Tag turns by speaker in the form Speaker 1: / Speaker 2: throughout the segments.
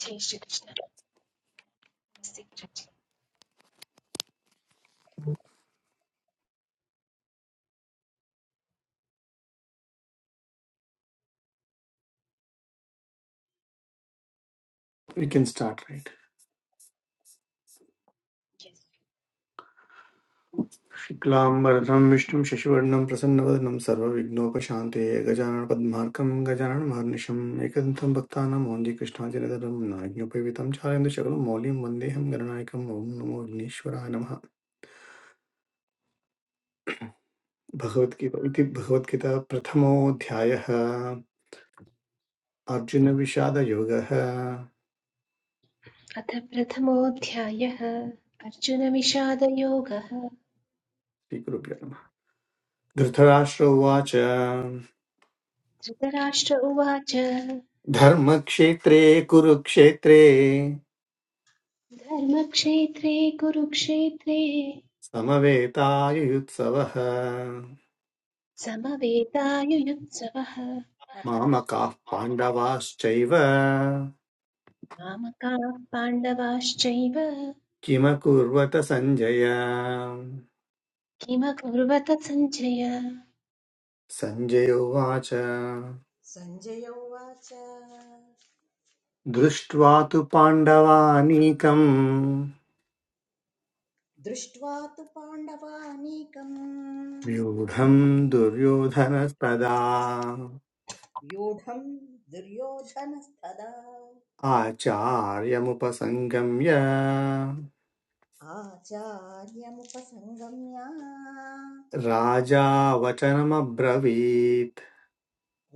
Speaker 1: जय श्रीकृष्ण नमस्ते किरण्जी
Speaker 2: We can start, right?
Speaker 1: Yes.
Speaker 2: शुक्लाम्बरधं विष्णुं शशिवर्णं प्रसन्नवदनं सर्वविघ्नोपशान्तये गजाननपद्मार्कं गजाननमहर्निशम् एकदन्तं भक्तानां मोञ्जीकृष्णाजनदलं नाज्ञोपवितं चालयन्तु शकलं मौल्यं वन्देऽहं गणनायकम् ॐ नमो विघ्नेश्वराय नमः भगवद्गीता इति भगवद्गीता प्रथमोऽध्यायः अर्जुनविषादयोगः
Speaker 1: अथ प्रथमोऽध्यायः अर्जुनविषादयोगः
Speaker 2: श्रीगुरुभ्यो नमः धृतराष्ट्र उवाच
Speaker 1: धृतराष्ट्र उवाच
Speaker 2: धर्मक्षेत्रे कुरुक्षेत्रे
Speaker 1: धर्मक्षेत्रे कुरुक्षेत्रे
Speaker 2: समवेतायुयुत्सवः
Speaker 1: समवेतायुयुत्सवः
Speaker 2: मामकाः पाण्डवाश्चैव
Speaker 1: मामकाः पाण्डवाश्चैव
Speaker 2: किमकुर्वत सञ्जय
Speaker 1: किमकुर्वत सञ्जय
Speaker 2: सञ्जय उवाच
Speaker 3: सञ्जय उवाच
Speaker 2: दृष्ट्वा तु पाण्डवानीकम्
Speaker 3: दृष्ट्वा तु पाण्डवानीकम्
Speaker 2: व्यूढम् दुर्योधनस्तदा
Speaker 3: व्यूढम् दुर्योधनस्तदा
Speaker 2: आचार्यमुपसङ्गम्य
Speaker 3: आचार्यमुपसङ्गम्य
Speaker 2: राजा वचनमब्रवीत्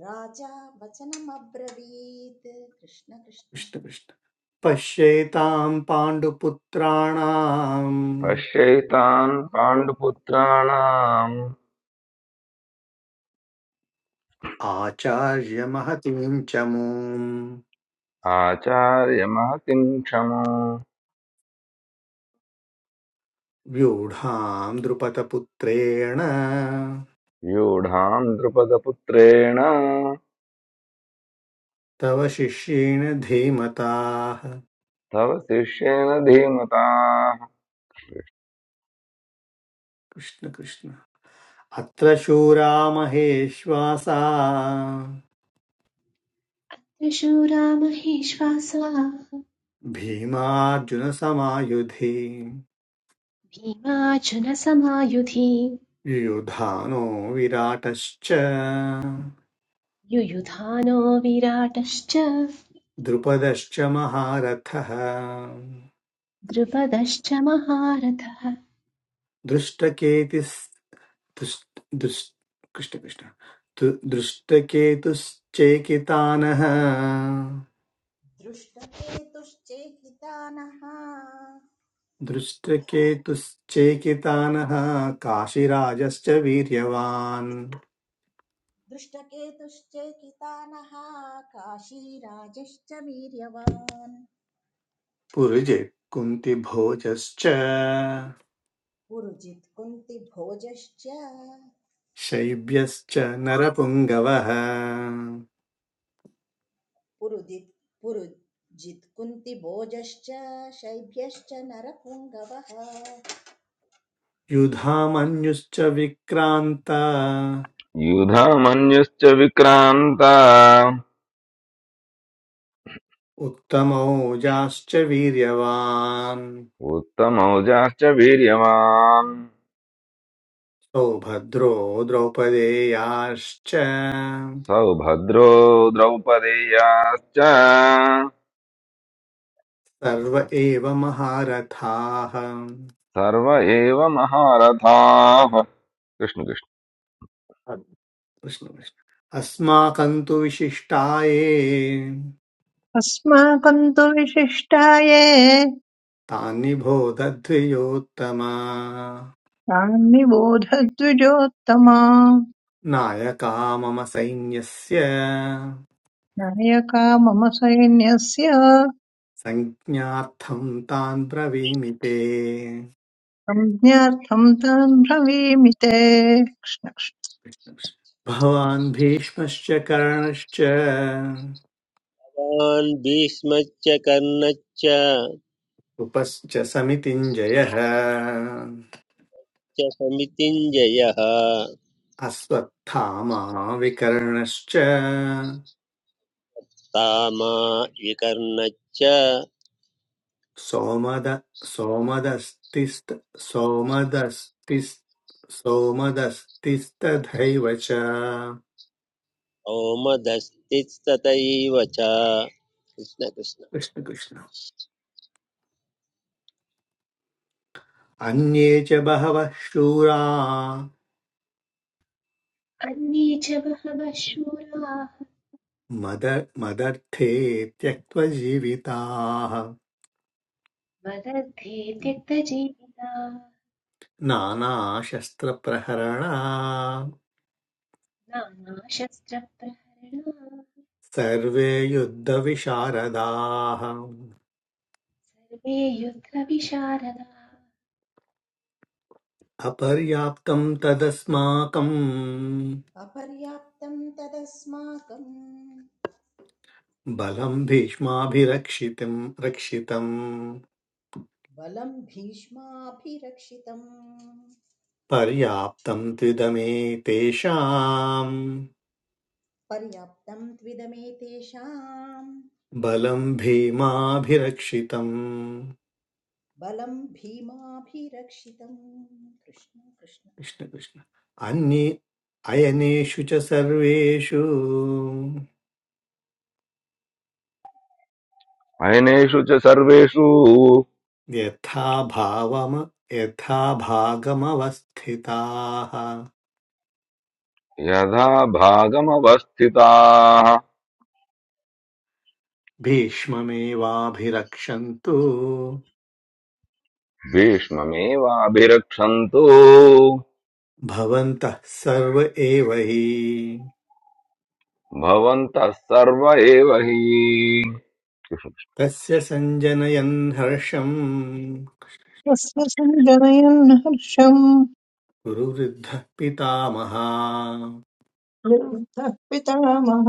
Speaker 3: राजा वचनमब्रवीत् कृष्ण कृष्ण
Speaker 2: कृष्ण कृष्ण। पश्येतां पाण्डुपुत्राणाम्
Speaker 4: पश्यैतान् पाण्डुपुत्राणाम्
Speaker 2: आचार्य महतीं च मूम्
Speaker 4: आचार्यमहतिं क्षमो
Speaker 2: व्यूढां द्रुपदपुत्रेण
Speaker 4: व्यूढां द्रुपदपुत्रेण
Speaker 2: तव शिष्येण धीमताः
Speaker 4: तव शिष्येन धीमताः
Speaker 2: कृष्ण कृष्ण अत्र शूरा महेश्वासा
Speaker 1: त्रिशूरामहेश्वासाः
Speaker 2: भीमार्जुनसमायुधि
Speaker 1: भीमार्जुनसमायुधि
Speaker 2: युधानो विराटश्च
Speaker 1: युयुधानो विराटश्च
Speaker 2: द्रुपदश्च महारथः
Speaker 1: द्रुपदश्च महारथः
Speaker 2: दृष्टकेति कृष्णकृष्ण दृष्टकेतुश्चेकितानः
Speaker 3: दृष्टकेतुश्चेकितानः
Speaker 2: दृष्टकेतुश्चेकितानः काशीराजश्च वीर्यवान्
Speaker 3: दृष्टकेतुश्चेकितानः काशीराजश्च वीर्यवान्
Speaker 2: पुरुजे कुन्तिभोजश्च
Speaker 3: पुरुजित् कुन्तिभोजश्च
Speaker 2: शैब्यश्च नरपुङ्गवः
Speaker 3: पुरुदित् पुरुजित् कुन्तिभोजश्च शैभ्यश्च नरपुङ्गवः
Speaker 2: युधामन्युश्च विक्रान्ता
Speaker 4: युधमन्युश्च विक्रान्ता
Speaker 2: उत्तमौजाश्च वीर्यवान्
Speaker 4: उत्तमौजाश्च वीर्यवान्
Speaker 2: भद्रो द्रौपदेयाश्च
Speaker 4: सौभद्रो द्रौपदेयाश्च
Speaker 2: सर्व एव महारथाः
Speaker 4: सर्व एव महारथाः कृष्णकृष्ण
Speaker 2: कृष्ण कृष्ण। अस्माकं तु विशिष्टाये
Speaker 5: अस्माकं तु विशिष्टाये
Speaker 2: तानि भोदध्रियोत्तमा
Speaker 5: तान्निबोधद्विजोत्तमा
Speaker 2: नायका मम सैन्यस्य
Speaker 5: नायका मम सैन्यस्य
Speaker 2: संज्ञार्थं तान् ब्रवीमि ते
Speaker 5: संज्ञार्थं तान् ब्रवीमि ते तस्य
Speaker 2: कृष्ण कृष्ण। भवान् भीष्मश्च कर्णश्च
Speaker 6: भीष्मान् भीष्मच्च कर्णच्च
Speaker 2: उपश्च समितिञ्जयः
Speaker 6: च समितिञ्जयः
Speaker 2: अश्वत्थामा विकर्णश्च
Speaker 6: तामा विकर्णच्च
Speaker 2: सोमद सोमदस्तिस्त सोमदस्तिस् सोमदस्तिस्तथैव च
Speaker 6: ओमदस्तिस्ततैव च कृष्ण कृष्ण
Speaker 2: कृष्णकृष्ण अन्ये च बहवः शूरा
Speaker 1: अन्ये च बहवः शूराः
Speaker 2: मद मदर्थे त्यक्तजीविताः
Speaker 1: मदर्थे त्यक्तजीविताः
Speaker 2: नानाशस्त्रप्रहरणा
Speaker 1: नानाशस्त्रप्रहरणाः
Speaker 2: सर्वे युद्धविशारदाः
Speaker 1: सर्वे युद्धविशारदाः
Speaker 2: अपर्याप्तम् तदस्माकम्
Speaker 3: अपर्याप्तं तदस्माकं
Speaker 2: बलम् भीष्माभिरक्षितम् रक्षितम्
Speaker 3: बलं भीष्माभिरक्षितम्
Speaker 2: पर्याप्तम् त्विदमे तेषाम्
Speaker 3: पर्याप्तं त्विदमेतेषां
Speaker 2: बलम् भीमाभिरक्षितम्
Speaker 3: बलं भीमाभिरक्षितं कृष्ण कृष्ण
Speaker 2: कृष्ण कृष्ण अन्ये अयनेषु च सर्वेषु
Speaker 4: अयनेषु च सर्वेषु
Speaker 2: यथा भावम यथा भागमवस्थिताः
Speaker 4: यथा भागमवस्थिताः
Speaker 2: भीष्ममेवाभिरक्षन्तु
Speaker 4: भीष्ममेवाभिरक्षन्तु
Speaker 2: भवन्तः सर्व एव हि
Speaker 4: भवन्तः सर्व एव हि
Speaker 2: तस्य सञ्जनयन् हर्षम्
Speaker 5: सञ्जनयन् हर्षम्
Speaker 2: गुरुवृद्धः पितामहा
Speaker 5: लुब्धः पितामहः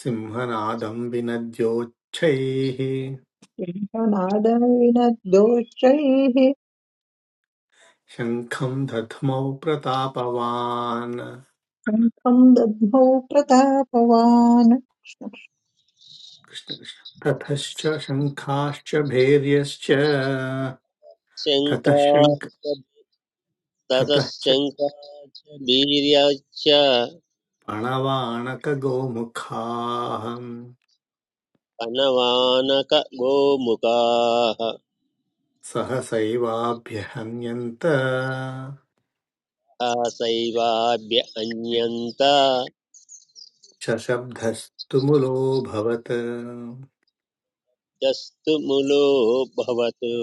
Speaker 2: सिंहनादम् विनद्योच्छैः
Speaker 5: सिंहनादविनद्दोषैः
Speaker 2: शङ्खम् दध्मौ प्रतापवान्
Speaker 5: शङ्खम् दद्मौ प्रतापवान्
Speaker 2: कृष्ण कृष्ण। ततश्च शङ्खाश्च भैर्यश्च ततः शङ्ख
Speaker 6: शङ्कास्ततः
Speaker 2: ततः च
Speaker 6: शङ्काश्च वीर्याश्च
Speaker 2: पणवाणकगोमुखाः
Speaker 6: कनवानक गोमुखाः
Speaker 2: सहसैवाभ्यहन्यन्त
Speaker 6: तासैवाभ्य अन्यन्ता
Speaker 2: शशब्दस्तुमुलोऽभवत्
Speaker 6: यस्तु मुलो भवतु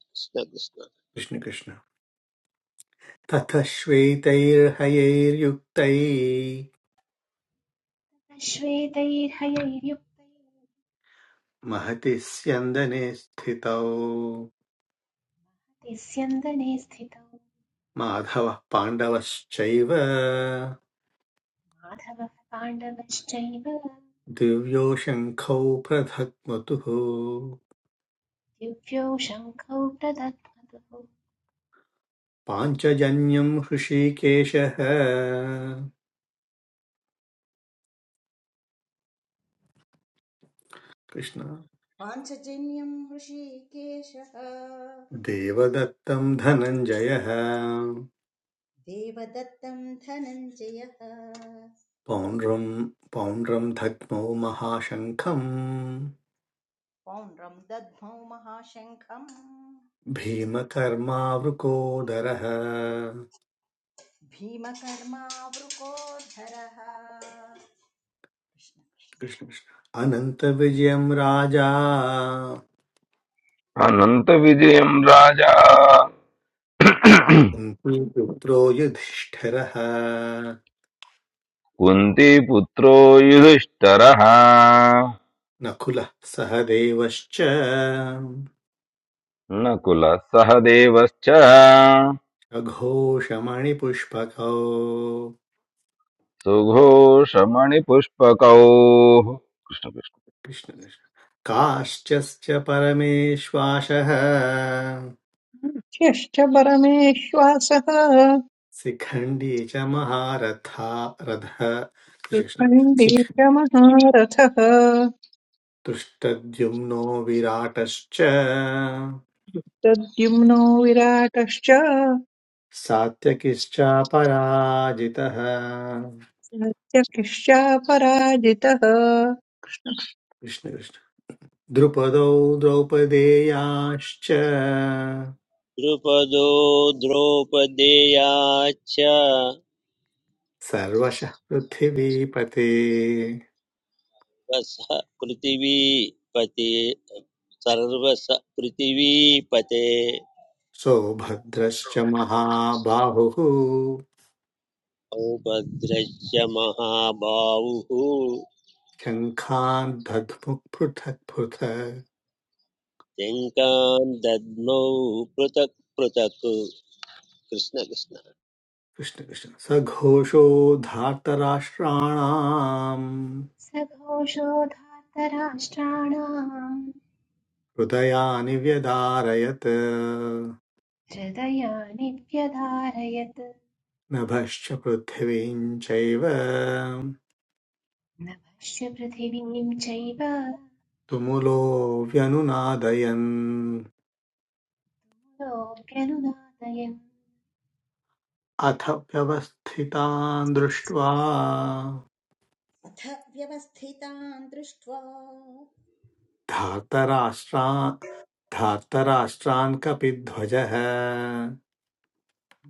Speaker 6: कृष्ण कृष्ण
Speaker 2: कृष्णकृष्ण तथ श्वेतैर्हयैर्युक्तै
Speaker 1: श्वेतैर्हयैर्युक्तैः
Speaker 2: महति स्यन्दने स्थितौ
Speaker 1: तिस्यन्दने स्थितौ
Speaker 2: माधवः पाण्डवश्चैव
Speaker 1: माधवः पाण्डवश्चैव
Speaker 2: दिव्यो शङ्खौ प्रधग्मतुः
Speaker 1: दिव्यौ शङ्खौ प्रदत्मतुः
Speaker 2: पाञ्चजन्यम् हृषीकेशः कृष्ण
Speaker 3: पाञ्चजन्यं हृषीकेशः
Speaker 2: देवदत्तम् धनञ्जयः
Speaker 3: देवदत्तं धनञ्जयः
Speaker 2: पौण्ड्रम् पौण्ड्रम् धग्मौ महाशङ्खम्
Speaker 3: पौण्ड्रं दद्मौ महाशङ्खम्
Speaker 2: भीमकर्मावृकोदरः
Speaker 3: भीमकर्मावृकोधरः कृष्ण कृष्ण
Speaker 2: कृष्ण कृष्ण अनन्तविजयं राजा
Speaker 4: अनन्तविजयम् राजा
Speaker 2: कुन्तीपुत्रो युधिष्ठिरः
Speaker 4: कुन्तीपुत्रो युधिष्ठरः
Speaker 2: नकुलः सह देवश्च
Speaker 4: नकुलः सह देवश्च
Speaker 2: अघोषमणिपुष्पकौ
Speaker 4: सुघोषमणिपुष्पकौ कृष्णकृष्ण
Speaker 2: कृष्ण कृष्ण काश्चश्च परमेश्वासः
Speaker 5: ह्यश्च परमेश्वासः
Speaker 2: शिखण्डी च महारथा रथः कृष्ण कृष्ण। शिख-
Speaker 5: पण्डितमहारथः
Speaker 2: दृष्टद्युम्नो विराटश्च
Speaker 5: प्रद्युम्नो विराटश्च
Speaker 2: सात्यकिश्चापराजितः
Speaker 5: सत्यकिश्चापराजितः
Speaker 2: कृष्णकृष्ण द्रुपदौ द्रौपदेयाश्च
Speaker 6: द्रुपदो द्रौपदेयाश्च
Speaker 2: सर्वशः पृथिवीपते
Speaker 6: वसः पृथिवीपते सर्वस पृथिवीपते
Speaker 2: सौभद्रश्च महाबाहुः
Speaker 6: औभद्रश्च महाबाहुः
Speaker 2: शङ्खान् दध्मुः पृथक् पृथक्
Speaker 6: शङ्कां दद्मौ पृथक् पृथक् कृष्ण कृष्ण
Speaker 2: कृष्णकृष्ण सघोषो धार्तराष्ट्राणाम्
Speaker 1: सघोषोधार्तराष्ट्राणाम्
Speaker 2: हृदयानि व्यदारयत्
Speaker 1: हृदयानि व्यधारयत्
Speaker 2: नभश्च पृथिवीं चैव
Speaker 1: नभश्च पृथिवीं चैव
Speaker 2: तुमुलोऽव्यनुनादयन्
Speaker 1: लोक्यनुदातयन्
Speaker 2: अथ व्यवस्थितान् दृष्ट्वा
Speaker 3: अथ व्यवस्थितान् दृष्ट्वा
Speaker 2: धार्तराष्ट्रान् धार्तराष्ट्रान् कपिध्वजः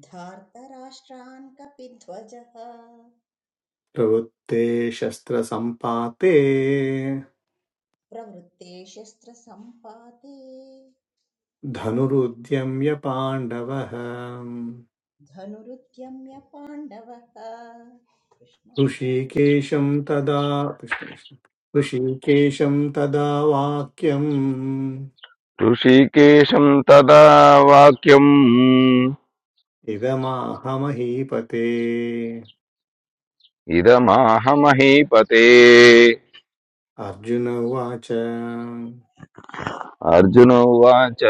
Speaker 3: धार्तराष्ट्रान् कपिध्वजः
Speaker 2: प्रवृत्ते शस्त्रसम्पाते
Speaker 3: प्रवृत्ते शस्त्रसम्पाते
Speaker 2: धनुरुद्यम्य पाण्डवः
Speaker 3: धनुरुद्यम्य पाण्डवः कृष्ण कृष्ण
Speaker 2: ऋषिकेशं तदा कृष्ण कृष्ण। ऋषिकेशं तदा वाक्यम्
Speaker 4: ऋषिकेशम् तदा वाक्यम्
Speaker 2: इदमाहमहीपते
Speaker 4: इदमाह महीपते
Speaker 2: अर्जुन उवाच
Speaker 4: अर्जुन उवाच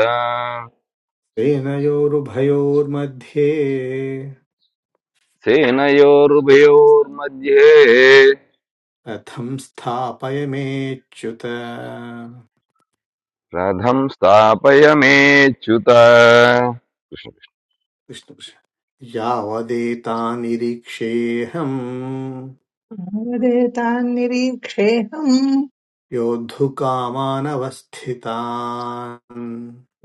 Speaker 2: सेनयोरुभयोर्मध्ये
Speaker 4: सेनयोरुभयोर्मध्ये
Speaker 2: रथं स्थापयमेच्युत
Speaker 4: रथं स्थापय मेच्युत कृष्ण-
Speaker 2: कृष्णकृष्ण यावदेतानिरीक्षेऽहम्
Speaker 5: नारदेतान्निरीक्षेऽहम्
Speaker 2: योद्धुकामानवस्थितान्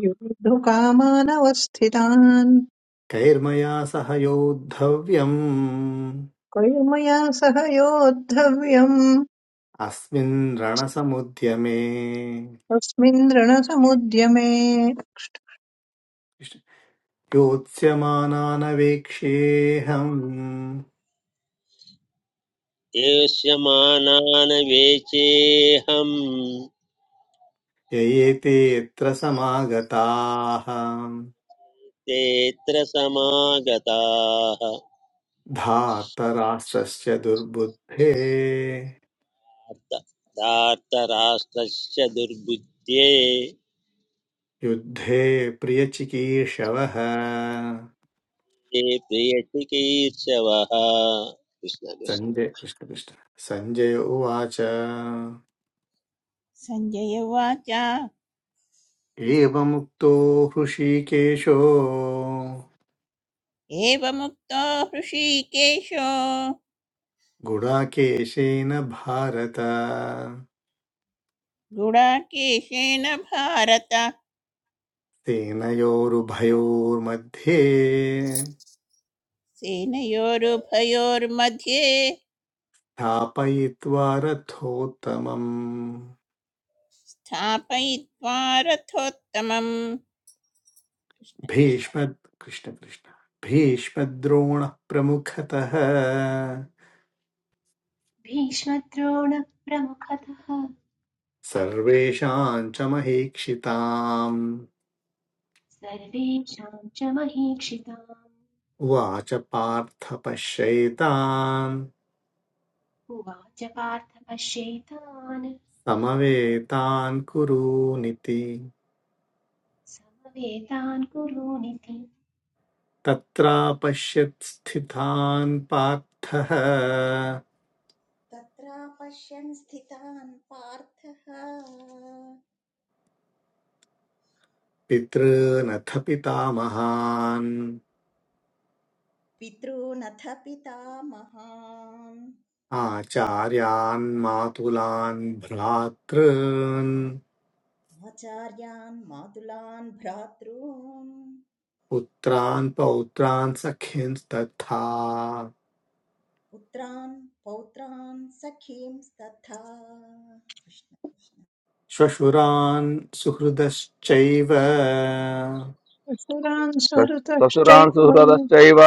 Speaker 5: योद्धुकामानवस्थितान्
Speaker 2: कैर्मया सह योद्धव्यम्
Speaker 5: क्वयि मया सह योद्धव्यम्
Speaker 2: अस्मिन् रणसमुद्यमे
Speaker 5: तस्मिन् रणसमुद्यमे
Speaker 2: योत्स्यमानानवेक्षेऽहम्
Speaker 6: एष्यमानान् वेचेऽहं
Speaker 2: ययेते यत्र समागताः
Speaker 6: तेऽत्र समागताः
Speaker 2: धार्तराष्ट्रस्य दुर्बुद्धे
Speaker 6: धार्तराष्ट्रस्य दुर्बुद्ध्ये
Speaker 2: युद्धे प्रियचिकीर्षवः
Speaker 6: ते प्रियचिकीर्षवः कृष्ण कृष्ण
Speaker 2: सञ्जय कृष्ण कृष्ण सञ्जय उवाच
Speaker 7: सञ्जय उवाच
Speaker 2: एवमुक्तो हृषीकेशो
Speaker 7: एवमुक्तो हृषीकेशो
Speaker 2: गुडाकेशेन भारत
Speaker 7: गुडाकेशेन भारत
Speaker 2: सेनयोरुभयोर्मध्ये
Speaker 7: सेनयोरुभयोर्मध्ये
Speaker 2: स्थापयित्वा रथोत्तमम्
Speaker 7: स्थापयित्वा रथोत्तमम् कृष्णकृष्ण
Speaker 2: भीष्म कृष्ण कृष्ण भीष्मद्रोणः प्रमुखतः
Speaker 1: भीष्मद्रोणप्रमुखतः
Speaker 2: सर्वेषां च महीक्षिताम्
Speaker 1: सर्वेषां च महीक्षिताम्
Speaker 2: उवाच पार्थ पश्येतान्
Speaker 1: उवाच पार्थ पश्यैतान्
Speaker 2: समवेतान् कुरूनिति
Speaker 1: समवेतान् कुरूनिति
Speaker 2: तत्रापश्यत् स्थितान् पार्थः
Speaker 3: तत्रापश्यन् स्थितान् पार्थः
Speaker 2: पितॄनथ पितामहान्
Speaker 3: पितॄनथ पितामहान्
Speaker 2: आचार्यान् मातुलान् भ्रातॄन्
Speaker 3: आचार्यान् मातुलान् भ्रातॄन्
Speaker 2: पुत्रान् पौत्रान् सखींस्तथा
Speaker 3: पुत्रान् पौत्रान् सखींस्तथा कृष्ण कृष्ण
Speaker 2: श्वशुरान् सुहृदश्चैव
Speaker 5: असुरान्
Speaker 4: ससुरान्
Speaker 5: सुहृतश्चैव
Speaker 4: सुहृदश्चैव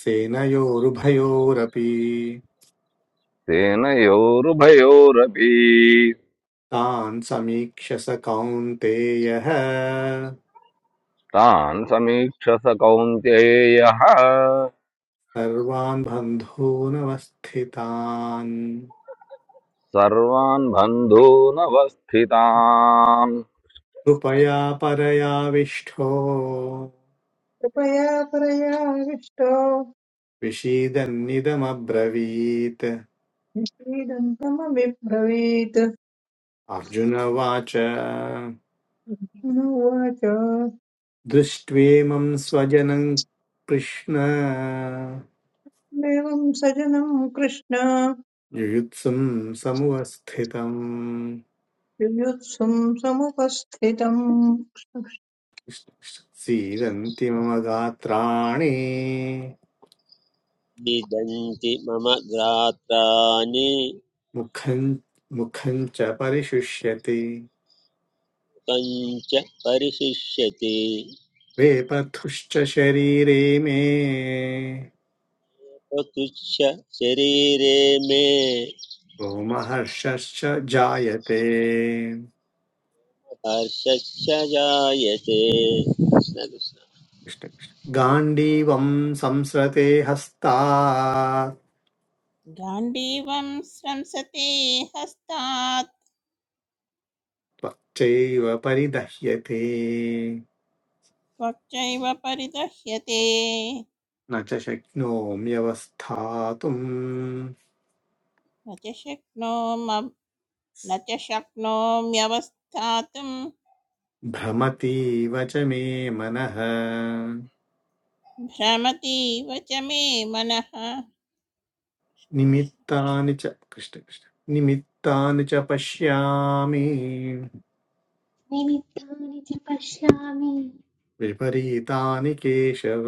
Speaker 2: सेनयोरुभयोरपि
Speaker 4: सेनयोरुभयोरपि
Speaker 2: तान् समीक्ष स कौन्तेयः
Speaker 4: तान् समीक्ष स कौन्तेयः
Speaker 2: सर्वान् बन्धूनवस्थितान्
Speaker 4: सर्वान् बन्धूनवस्थितान्
Speaker 2: कृपया परयाविष्ठो
Speaker 5: कृपया परयाविष्टो
Speaker 2: विषीदन्निदमब्रवीत्
Speaker 5: निषीदन्तमबिब्रवीत्
Speaker 2: अर्जुन उवाच
Speaker 5: उवाच
Speaker 2: दृष्ट्वेमं स्वजनं कृष्ण
Speaker 5: एवं सजनं कृष्ण
Speaker 2: युयुत्सुं समुवस्थितम्
Speaker 5: युयुत्सुं समुपस्थितम्
Speaker 2: सीदन्ति मम गात्राणि
Speaker 6: निदन्ति मम गात्राणि
Speaker 2: मुखं मुखं च परिशुष्यति
Speaker 6: पञ्च परिशिष्यति
Speaker 2: वेपथुश्च शरीरे मे
Speaker 6: तुच्छ शरीरे मे
Speaker 2: रोमहर्षश्च जायते
Speaker 6: हर्षश्च जायते कृष्ण कृष्ण
Speaker 2: कृष्ण कृष्ण। गाण्डीवं संसृते हस्तात्
Speaker 7: गाण्डीवं स्रंसते हस्तात्
Speaker 2: त्वच्चैव परिदह्यते
Speaker 7: त्वच्चैव परिदह्यते
Speaker 2: न च शक्नोम्यवस्थातुम्
Speaker 7: न च शक्नोम न च शक्नोम्यवस्थातुं
Speaker 2: भ्रमतीव च मे मनः
Speaker 7: भ्रमतीव च मे मनः
Speaker 2: निमित्तानि च कृष्ण कृष्ण निमित्तानि च पश्यामि
Speaker 1: निमित्तानि च पश्यामि
Speaker 2: विपरीतानि केशव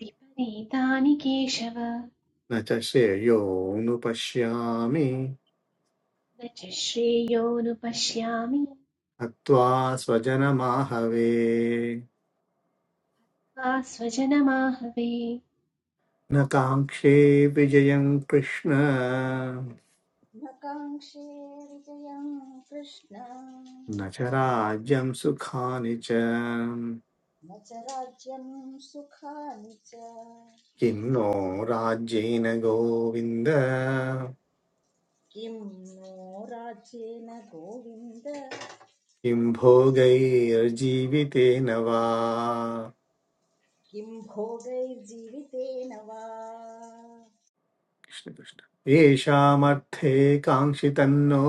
Speaker 1: विपरीतानि केशव
Speaker 2: न च श्रेयोनुपश्यामि
Speaker 1: न च श्रेयोऽनुपश्यामि
Speaker 2: हत्वा स्वजनमाहवे
Speaker 1: त्वा स्वजनमाहवे
Speaker 2: न काङ्क्षे विजयम् कृष्ण
Speaker 3: न काङ्क्षे विजयं कृष्ण
Speaker 2: न च राज्यम् सुखानि च
Speaker 3: न च राज्यं सुखानि च
Speaker 2: किं नो राज्येन गोविन्द
Speaker 3: किं नो राज्येन गोविन्द
Speaker 2: किं भोगैर्जीवितेन वा
Speaker 3: किं भोगैर्जीवितेन वा
Speaker 2: कृष्णकृष्ण येषामर्थे काङ्क्षितन्नो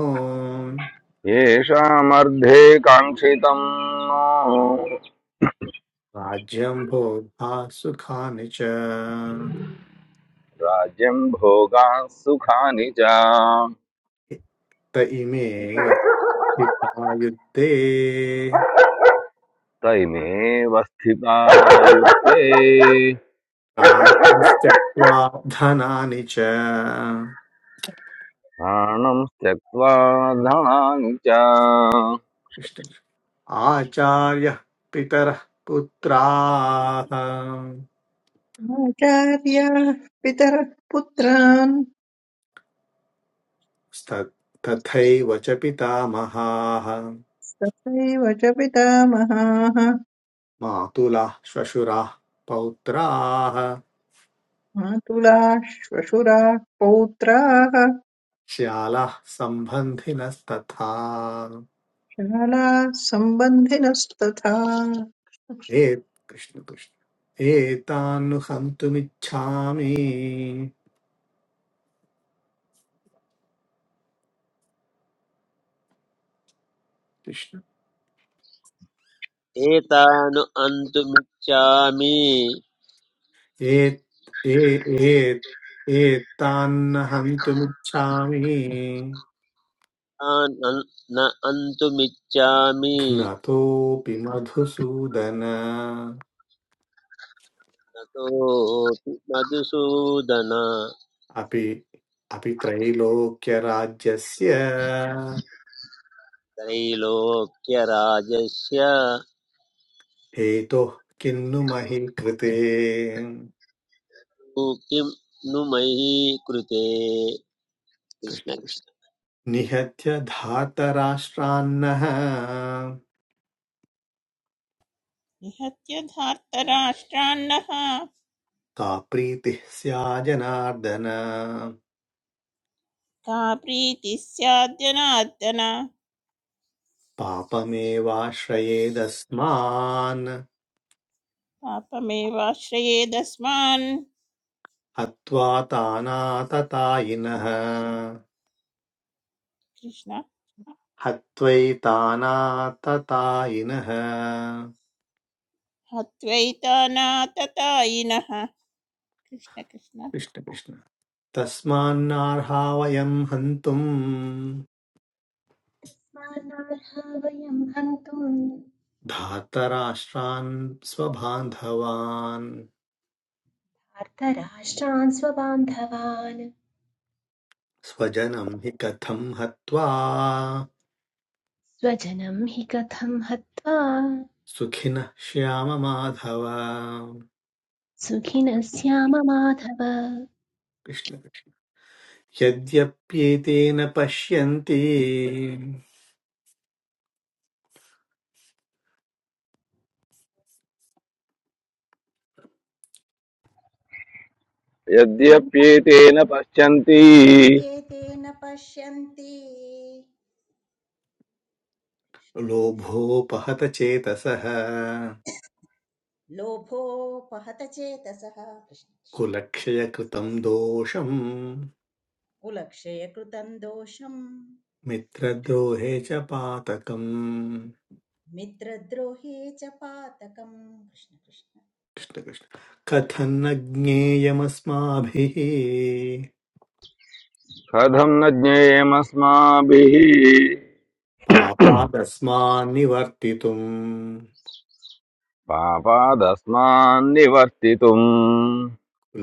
Speaker 4: येषामर्धे काङ्क्षितम्
Speaker 2: राज्यं भोगा सुखानि च
Speaker 4: राज्यम् भोगाः सुखानि च
Speaker 2: त इमेव स्थिता युद्धे
Speaker 4: तैमेव स्थिता युक्ते
Speaker 2: प्राणांस्त्यक्त्वा धनानि च
Speaker 4: प्राणं त्यक्त्वा धनानि च
Speaker 2: कृष्ण कृष्ण। आचार्यः पितरः पुत्राः
Speaker 5: आचार्याः पितरः पुत्रान्
Speaker 2: स्त- तथैव च पितामहाः
Speaker 5: तथैव च पितामहाः
Speaker 2: मातुलाः श्वशुराः पौत्राः
Speaker 5: मातुलाः श्वशुराः पौत्राः
Speaker 2: श्यालाः सम्बन्धिनस्तथा
Speaker 5: शालाः सम्बन्धिनस्तथा
Speaker 2: ए कृष्ण कृष्ण एतान्नुहन्तुमिच्छामि कृष्ण
Speaker 6: एतानु अन्तुमिच्छामि
Speaker 2: एत् ए एत् एतान्न हन्तुमिच्छामि
Speaker 6: तान् अन्- न अन्तुमिच्छामि
Speaker 2: घ्नतोऽपि मधुसूदन
Speaker 6: ततोऽपि मधुसूदन
Speaker 2: अपि अपि त्रैलोक्यराज्यस्य
Speaker 6: त्रैलोक्यराजस्य
Speaker 2: हेतुः किन्नु महि कृते
Speaker 6: तु किं नु मयि कृते कृष्ण
Speaker 2: कृष्ण कृष्ण।
Speaker 6: कृष्ण
Speaker 2: निहत्य धातराष्ट्रान्नः
Speaker 7: निहत्यधार्तराष्ट्रान्नः का
Speaker 2: का प्रीतिः स्याजनार्दन
Speaker 7: प्रीतिः स्याद्यनाद्यन
Speaker 2: पापमेवाश्रयेदस्मान्
Speaker 7: पापमेवाश्रयेदस्मान्
Speaker 2: हत्वा तानाततायिनः
Speaker 7: कृष्ण
Speaker 2: हत्वैतानाततायिनः
Speaker 7: हत्वैतानाततायिनः कृष्ण कृष्ण
Speaker 2: कृष्ण कृष्ण तस्मान्नार्हा वयम् हन्तुम्
Speaker 1: स्मानार्हा वयं हन्तुम्
Speaker 2: धातराष्ट्रान् स्वबान्धवान्
Speaker 1: अर्थराष्ट्रान् स्वबान्धवान्
Speaker 2: स्वजनं हि कथं हत्वा
Speaker 1: स्वजनं हि कथं हत्वा
Speaker 2: सुखिनः श्याम माधव
Speaker 1: सुखिनः स्याम माधव
Speaker 2: कृष्ण कृष्ण। यद्यप्येतेन पश्यन्ति
Speaker 4: यद्यप्येतेन पश्यन्ति
Speaker 3: यद्यत्येतेन पश्यन्ति
Speaker 2: लोभोपहत चेतसः
Speaker 3: लोभोपहत चेतसः कृष्ण कृष्ण
Speaker 2: कुलक्षयकृतं दोषम्
Speaker 3: कुलक्षयकृतं दोषम्
Speaker 2: मित्रद्रोहे च पातकम्
Speaker 3: मित्रद्रोहे च पातकम् कृष्ण कृष्ण
Speaker 2: कृष्णकृष्ण कथन्न ज्ञेयमस्माभिः
Speaker 4: कथं न ज्ञेयमस्माभिः
Speaker 2: पापादस्मान्निवर्तितुम्
Speaker 4: पापादस्मान् निवर्तितुम्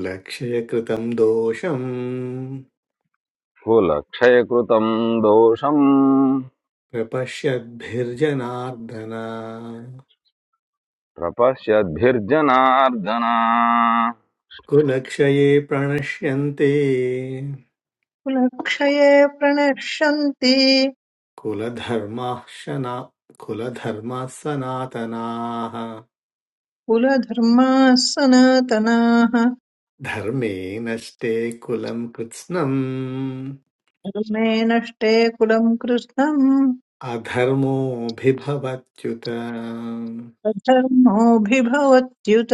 Speaker 2: लक्ष्य कृतम् दोषम्
Speaker 4: कुलक्षयकृतम् दोषम्
Speaker 2: प्रपश्यद्भिर्जनार्दन
Speaker 4: प्रपश्यद्भिर्जनार्दन
Speaker 2: कुलक्षये प्रणश्यन्ते
Speaker 5: कुलक्षये प्रणश्यन्ति
Speaker 2: कुलधर्माः शना कुलधर्माः सनातनाः
Speaker 5: कुलधर्माः सनातनाः
Speaker 2: धर्मे नष्टे कुलम् कृत्स्नम्
Speaker 5: धर्मे नष्टे कुलम् कृष्णम्
Speaker 2: अधर्मोऽभिभवत्युत
Speaker 5: कथमोऽभिभवत्युत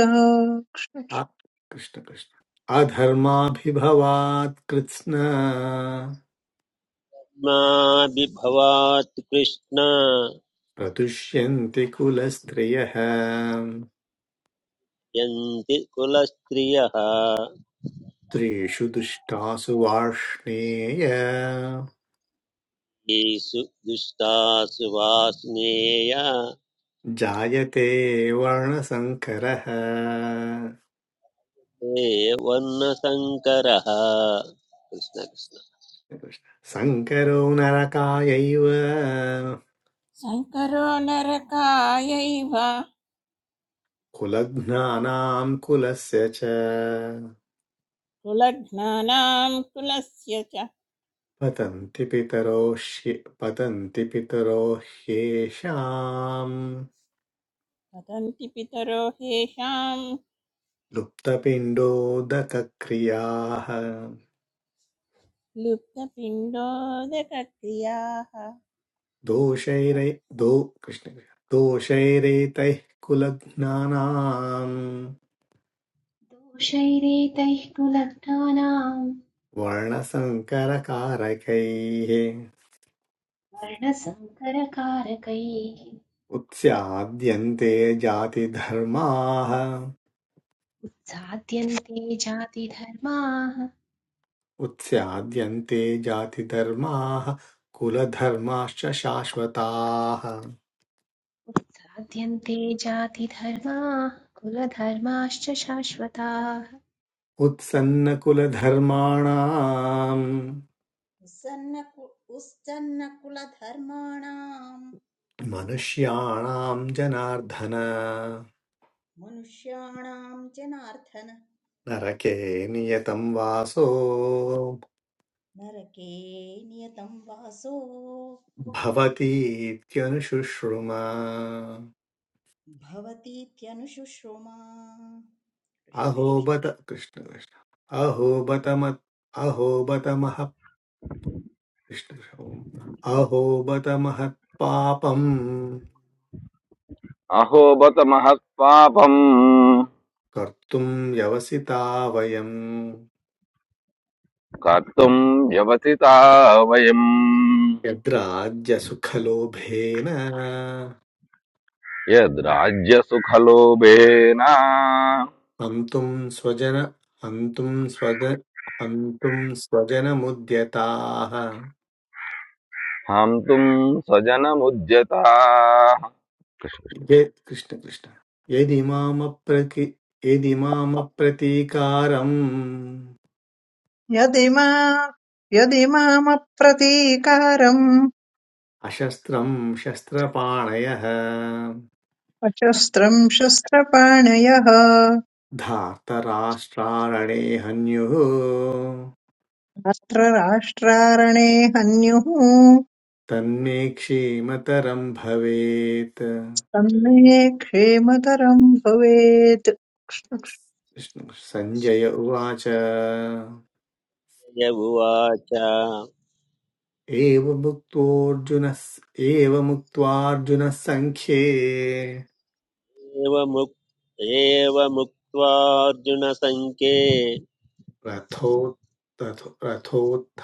Speaker 2: आ- कृष्ण कृष्ण अधर्माभिभवात् कृत्स्न
Speaker 6: माभिभवात् कृष्ण
Speaker 2: प्रतुष्यन्ति कुलस्त्रियः
Speaker 6: यन्ति कुलस्त्रियः
Speaker 2: स्त्रीषु दुष्टासु वार्ष्णेय
Speaker 6: येषु दुष्टासु वासनेय ते
Speaker 2: जायते वर्णसङ्करः
Speaker 6: वर्णशङ्करः कृष्ण कृष्ण
Speaker 2: सङ्करो नरकायैव
Speaker 7: सङ्करो नरकायैव
Speaker 2: कुलघ्नानाम् कुलस्य च
Speaker 7: कुलघ्नानां कुलस्य च
Speaker 2: पतन्ति पितरो ह्ये- पतन्ति पितरो ह्येषाम्
Speaker 7: वदन्ति पितरो हेषां
Speaker 2: लुप्तपिण्डोदकक्रियाः
Speaker 7: लुप्तपिण्डोदकक्रियाः
Speaker 2: दोषैरै दो कृष्ण दोषैरेतैः कुलज्ञानाम्
Speaker 1: दोषैरेतैः कुलघ्नानाम्
Speaker 2: वर्णसङ्करकारकैः
Speaker 1: वर्णसङ्करकारकैः
Speaker 2: उत्स्याद्यन्ते जातिधर्माः
Speaker 1: उत्साद्यन्ते जातिधर्माः
Speaker 2: उत्स्याद्यन्ते जातिधर्माः कुलधर्माश्च शाश्वताः
Speaker 1: उत्साद्यन्ते जातिधर्माः कुलधर्माश्च शाश्वताः
Speaker 2: उत्सन्नकुलधर्माणाम्
Speaker 3: उस्सन्नकु उस्सन्नकुलधर्माणाम्
Speaker 2: मनुष्याणां जनार्दन
Speaker 3: मनुष्याणाम् च नार्थन
Speaker 2: नरके नियतं वासो
Speaker 3: नरके नियतम् वासो
Speaker 2: भवतीत्यनुशुश्रुमा
Speaker 3: भवतीत्यनुशुश्रुमा कृष्ण
Speaker 2: अहो
Speaker 3: कृष्ण
Speaker 2: बत कृष्ण कृष्ण अहो बत मत् अहो बत महः कृष्ण कृष्ण। अहो बत महत्पापम्
Speaker 4: అహోబత మహత్పాపం
Speaker 2: कर्तुम् व्यवसिता वयम्
Speaker 4: కర్తుం వ్యవసితా వయం
Speaker 2: यद्राज्यसुखलोभेन
Speaker 4: యద్రాజ్యసుఖలోభేన
Speaker 2: हन्तुम् स्वजन हन्तुम् स्वज हन्तुम्
Speaker 4: హంతుం స్వజనముద్యతా
Speaker 2: ये- कृष्ण कृष्ण यदिमामप्रति यदिमामप्रतीकारम्
Speaker 5: यदिमा यदिमामप्रतीकारम्
Speaker 2: अशस्त्रम् शस्त्रपाणयः
Speaker 5: अशस्त्रम् शस्त्रपाणयः
Speaker 2: धार्तराष्ट्रारणे हन्युः
Speaker 5: रात्र राष्ट्रारणे हन्युः
Speaker 2: तन्मे क्षीमतरम् भवेत् कृष्ण-
Speaker 5: तन्मे क्षेमतरम् भवेत्
Speaker 2: सञ्जय उवाच
Speaker 6: य उवाच
Speaker 2: एवमुक्तोऽर्जुनः एवमुक्त्वार्जुनः सङ्ख्ये
Speaker 6: एवमुक् एवमुक्त्वार्जुनसङ्ख्ये
Speaker 2: रथो रथो रथोत्थ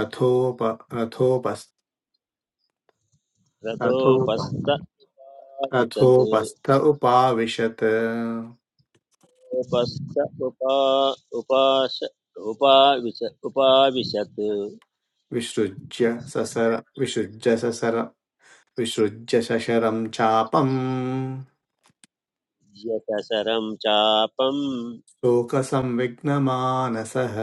Speaker 2: अथोप अथोपस् अथोप
Speaker 6: रतोपस्त उवाचत्
Speaker 2: अथोपस्थ उपाविशत्
Speaker 6: उपस्स उपा उपास उपाविश उपाविशत्
Speaker 2: विसृज्य ससर विसृज्य ससर विसृज्य शशरं चापम्
Speaker 6: यतसरं चापं
Speaker 2: शोकसंविघ्नमानसः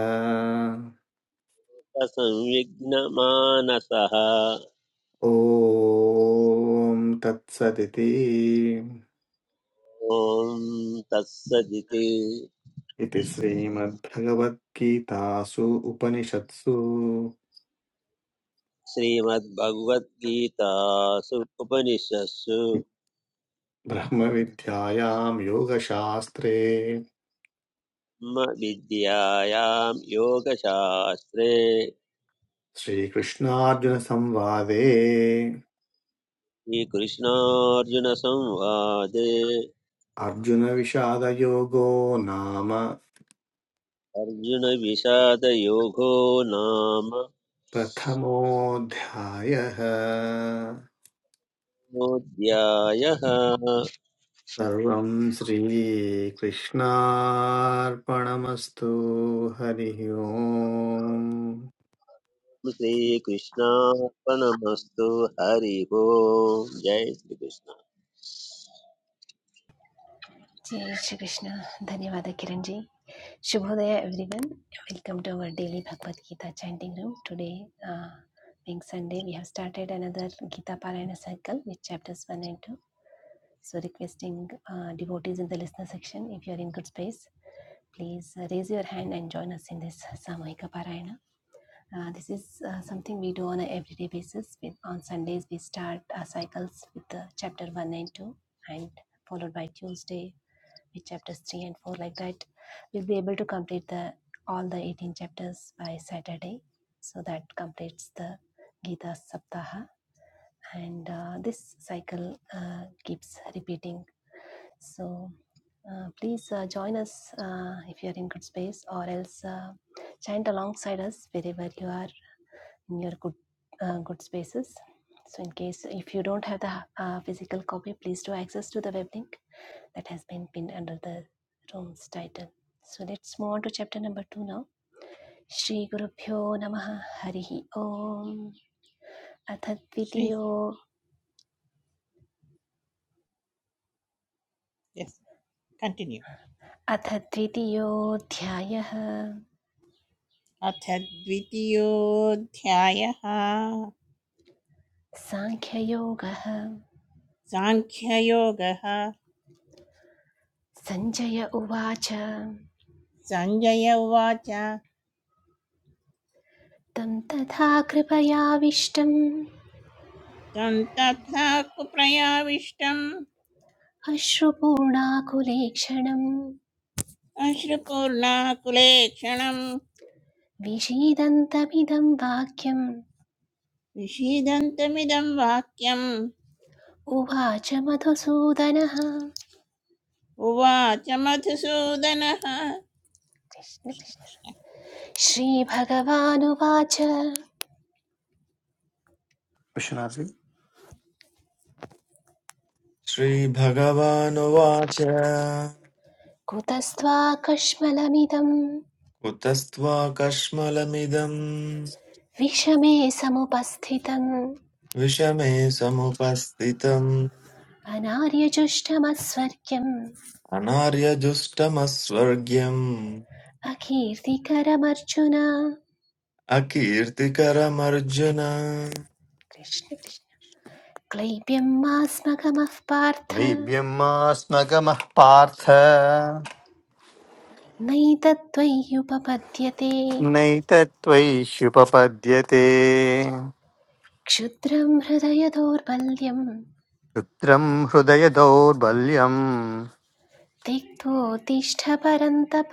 Speaker 6: संविघ्नमानसः
Speaker 2: ॐ तत्सदिति
Speaker 6: ॐ तत्सदिति
Speaker 2: इति श्रीमद्भगवद्गीतासु उपनिषत्सु
Speaker 6: श्रीमद्भगवद्गीतासु उपनिषत्सु
Speaker 2: ब्रह्मविद्यायां योगशास्त्रे
Speaker 6: ब्रह्म विद्यायां योगशास्त्रे
Speaker 2: श्रीकृष्णार्जुनसंवादे
Speaker 6: श्रीकृष्णार्जुनसंवादे
Speaker 2: अर्जुनविषादयोगो नाम
Speaker 6: अर्जुनविषादयोगो नाम
Speaker 2: प्रथमोऽध्यायः
Speaker 6: कृष्णोऽध्यायः
Speaker 2: सर्वं श्रीकृष्णार्पणमस्तु हरिः ओम्
Speaker 6: श्रीकृष्णार्पणमस्तु हरिः ओम् जय Shri Krishna
Speaker 1: Jai Shri Krishna. Dhanyavada Kiran ji. Shubhodaya everyone. Welcome to our daily Bhagavad Gita chanting room. Today uh, being Sunday, we have started another Gita Parayana cycle with chapters 1 and 2. So requesting uh, devotees in the listener section, if you are in good space, please uh, raise your hand and join us in this Samohika Parayana. Uh, this is uh, something we do on an everyday basis. With, on Sundays, we start our cycles with uh, chapter 1 and 2 and followed by Tuesday with chapters 3 and 4 like that we'll be able to complete the all the 18 chapters by saturday so that completes the gita saptaha and uh, this cycle uh, keeps repeating so uh, please uh, join us uh, if you are in good space or else uh, chant alongside us wherever you are in your good uh, good spaces so in case if you don't have the uh, physical copy please do access to the web link that has been pinned under the room's title. So let's move on to chapter number two now. Shri Gurubhyo Namaha Harihi Om
Speaker 7: Shri
Speaker 1: श्रीगुरुभ्यो
Speaker 7: यस् continue
Speaker 1: नमः हरिः
Speaker 7: अथ द्वितीयोऽध्यायः
Speaker 1: Sankhya अथ Sanjaya Uvacha द्वितीयोऽध्यायः साङ्ख्ययोगः
Speaker 7: साङ्ख्ययोगः
Speaker 1: सञ्जय उवाच
Speaker 7: सञ्जय उवाच
Speaker 1: तं तथा कृपयाविष्टम्
Speaker 7: तं तथा कुप्रयाविष्टम्
Speaker 1: अश्रुपूर्णाकुलेक्षणं
Speaker 7: अश्रुपूर्णाकुलेक्षणम्
Speaker 1: विषीदन्तमिदं वाक्यम्
Speaker 7: विषीदन्तमिदं वाक्यम्
Speaker 1: उवाच मधुसूदनः
Speaker 7: उवाच मधुसूदनः
Speaker 1: कृष्ण श्रीभगवानुवाच
Speaker 2: विश्वनाथि
Speaker 8: श्रीभगवानुवाच
Speaker 1: कुतस्त्वाकश्मलमिदं
Speaker 8: कुतस्त्वा कष्मलमिदम्
Speaker 1: विषमे समुपस्थितम्
Speaker 8: विषमे समुपस्थितम्
Speaker 1: अनार्यजुष्टमस्वर्ग्यम्
Speaker 8: अनार्यजुष्टमस्वर्ग्यम्
Speaker 1: अकीर्तिकरमर्जुन
Speaker 8: अकीर्तिकरमर्जुन
Speaker 1: कृष्ण कृष्ण क्लैब्यं मास्मगमः पार्थ
Speaker 2: लैभ्यम् मास्मगमः पार्थ
Speaker 1: नैतत्त्वय्युपपद्यते
Speaker 2: नैतत्त्वयि ह्युपपद्यते
Speaker 1: क्षुद्रं हृदय दौर्बल्यं
Speaker 2: हृदय दौर्बल्यम्
Speaker 1: तिक्तोत्तिष्ठ परन्तप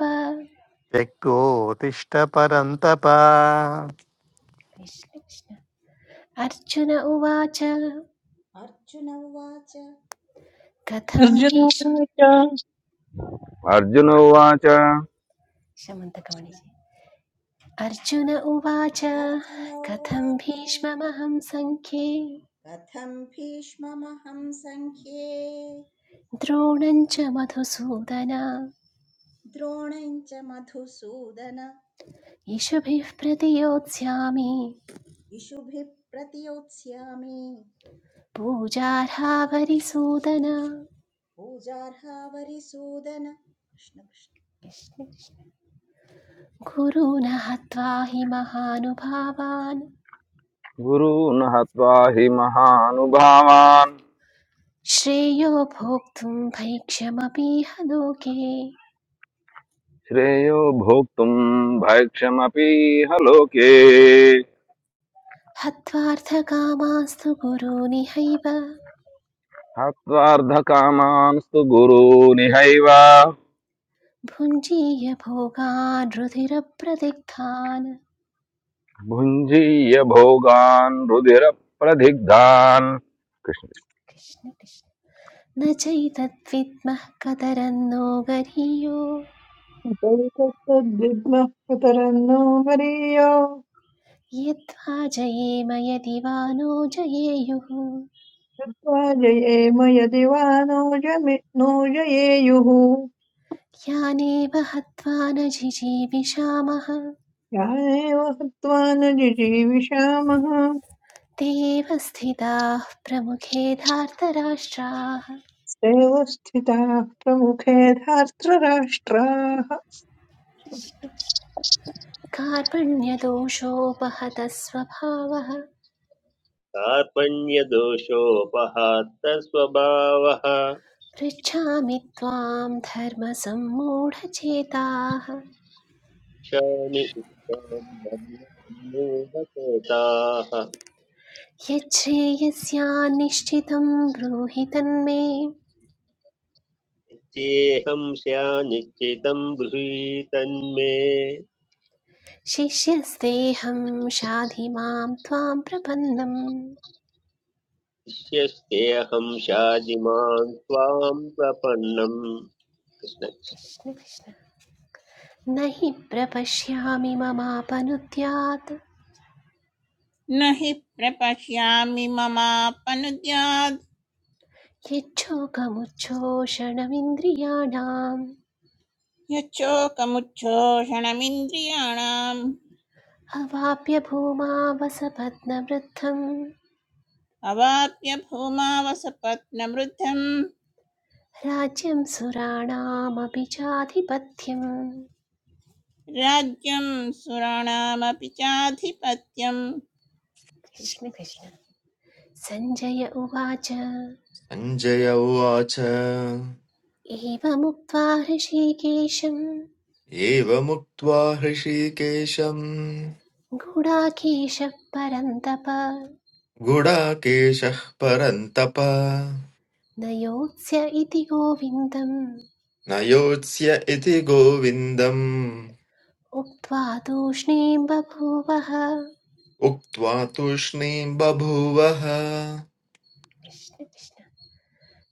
Speaker 2: व्यक्तोत्तिष्ठ परन्तप
Speaker 1: कृष्ण कृष्ण अर्जुन उवाच
Speaker 3: अर्जुन उवाच
Speaker 1: कथं भीष्म
Speaker 5: अर्जुनोवाच
Speaker 4: అర్జున ఉవాచ
Speaker 3: कृष्ण
Speaker 1: शमन्तकमणिजि अर्जुन उवाच
Speaker 3: अर्जुन
Speaker 1: कथं
Speaker 3: उवाच
Speaker 1: भीष्ममहं सङ्ख्ये
Speaker 3: कथम् भीष्ममहम् सङ्ख्ये
Speaker 1: द्रोणं च मधुसूदन
Speaker 3: द्रोणम् च मधुसूदन
Speaker 1: इषुभिः प्रतियोत्स्यामि
Speaker 3: इषुभिः प्रतियोत्स्यामि
Speaker 1: पूजार्हावरिसूदन
Speaker 3: पूजार्हा वरिसूदन कृष्ण कृष्ण
Speaker 1: कृष्ण कृष्ण। गुरून् हत्वा हि महानुभावान्
Speaker 4: గురూన్ హత్వా హి మహానుభావాన్
Speaker 1: श्रेयो भोक्तुं भैक्ष्यमपीह लोके
Speaker 4: శ్రేయో భోక్తుం భైక్షమపీహ లోకే
Speaker 1: हत्वार्थकामास्तु गुरूनिहैव
Speaker 4: హత్వార్థకామాంస్తు గురూనిహైవ
Speaker 1: भुञ्जीय भोगान् रुधिरप्रदिग्धान्
Speaker 4: भुञ्जीय भोगान् रुधिरप्रदिग्धान् कृष्ण
Speaker 1: कृष्ण कृष्ण न चैतद्विद्मः कतरन्नो गरीयो
Speaker 5: उपवितस्तद्विद्मः कुतरम् नो वरीय
Speaker 1: यद्वा जयेम यदि वा नो जयेयुः
Speaker 5: कृत्वा जयेम यदि वा नो जमि नो जयेयुः
Speaker 1: यानेव हत्वा न जिजीविषामः
Speaker 5: या एव हत्वा न जिजीविषामः
Speaker 1: ते एव स्थिताः प्रमुखे धार्तराष्ट्राः
Speaker 5: सैव स्थिताः प्रमुखे धार्तराष्ट्राः
Speaker 1: कार्पण्यदोषोपहतः स्वभावः
Speaker 6: कार्पण्यदोषोपहात्त स्वभावः
Speaker 1: पृच्छामि त्वां धर्मसम्मूढचेताः
Speaker 6: क्षामि उत्तां धर्मसम्मूढचेताः
Speaker 1: यच्छ्रेयस्यान्निश्चितं ब्रूहि तन्मे
Speaker 6: चेहं स्यानिश्चितं ब्रूहि तन्मे
Speaker 1: शिष्यस्तेऽहं शाधि मां त्वां प्रपन्नम्
Speaker 6: शिष्यस्तेऽहं शाजिमान् त्वां प्रपन्नम् कृष्ण
Speaker 1: कृष्ण कृष्ण न हि प्रपश्यामि ममापनुद्यात्
Speaker 7: न हि प्रपश्यामि ममापनुद्यात्
Speaker 1: यच्छोकमुच्छोषणमिन्द्रियाणाम्
Speaker 7: यच्छोकमुच्छोषणमिन्द्रियाणाम्
Speaker 1: अवाप्य भूमा वसपत्नवृद्धं
Speaker 7: अवाप्य भूमावसपत्नवृद्धम्
Speaker 1: राज्यं सुराणामपि चाधिपत्यम्
Speaker 7: राज्यं सुराणामपि चाधिपत्यम्
Speaker 1: कृष्ण
Speaker 7: कृष्ण
Speaker 1: कृष्ण
Speaker 7: कृष्ण
Speaker 1: सञ्जय
Speaker 8: सञ्जय उवाच
Speaker 1: एवमुक्त्वा हृषीकेशं
Speaker 8: एवमुक्त्वा हृषीकेशम्
Speaker 1: गूढाकेशः परन्तप
Speaker 8: गुडाकेशः परन्तप
Speaker 1: न योत्स्य इति गोविन्दम्
Speaker 8: न योत्स्य इति गोविन्दम्
Speaker 1: उक्त्वा तूष्णीं बभूवः
Speaker 8: उक्त्वा तूष्णीम् बभूवः
Speaker 1: कृष्ण कृष्ण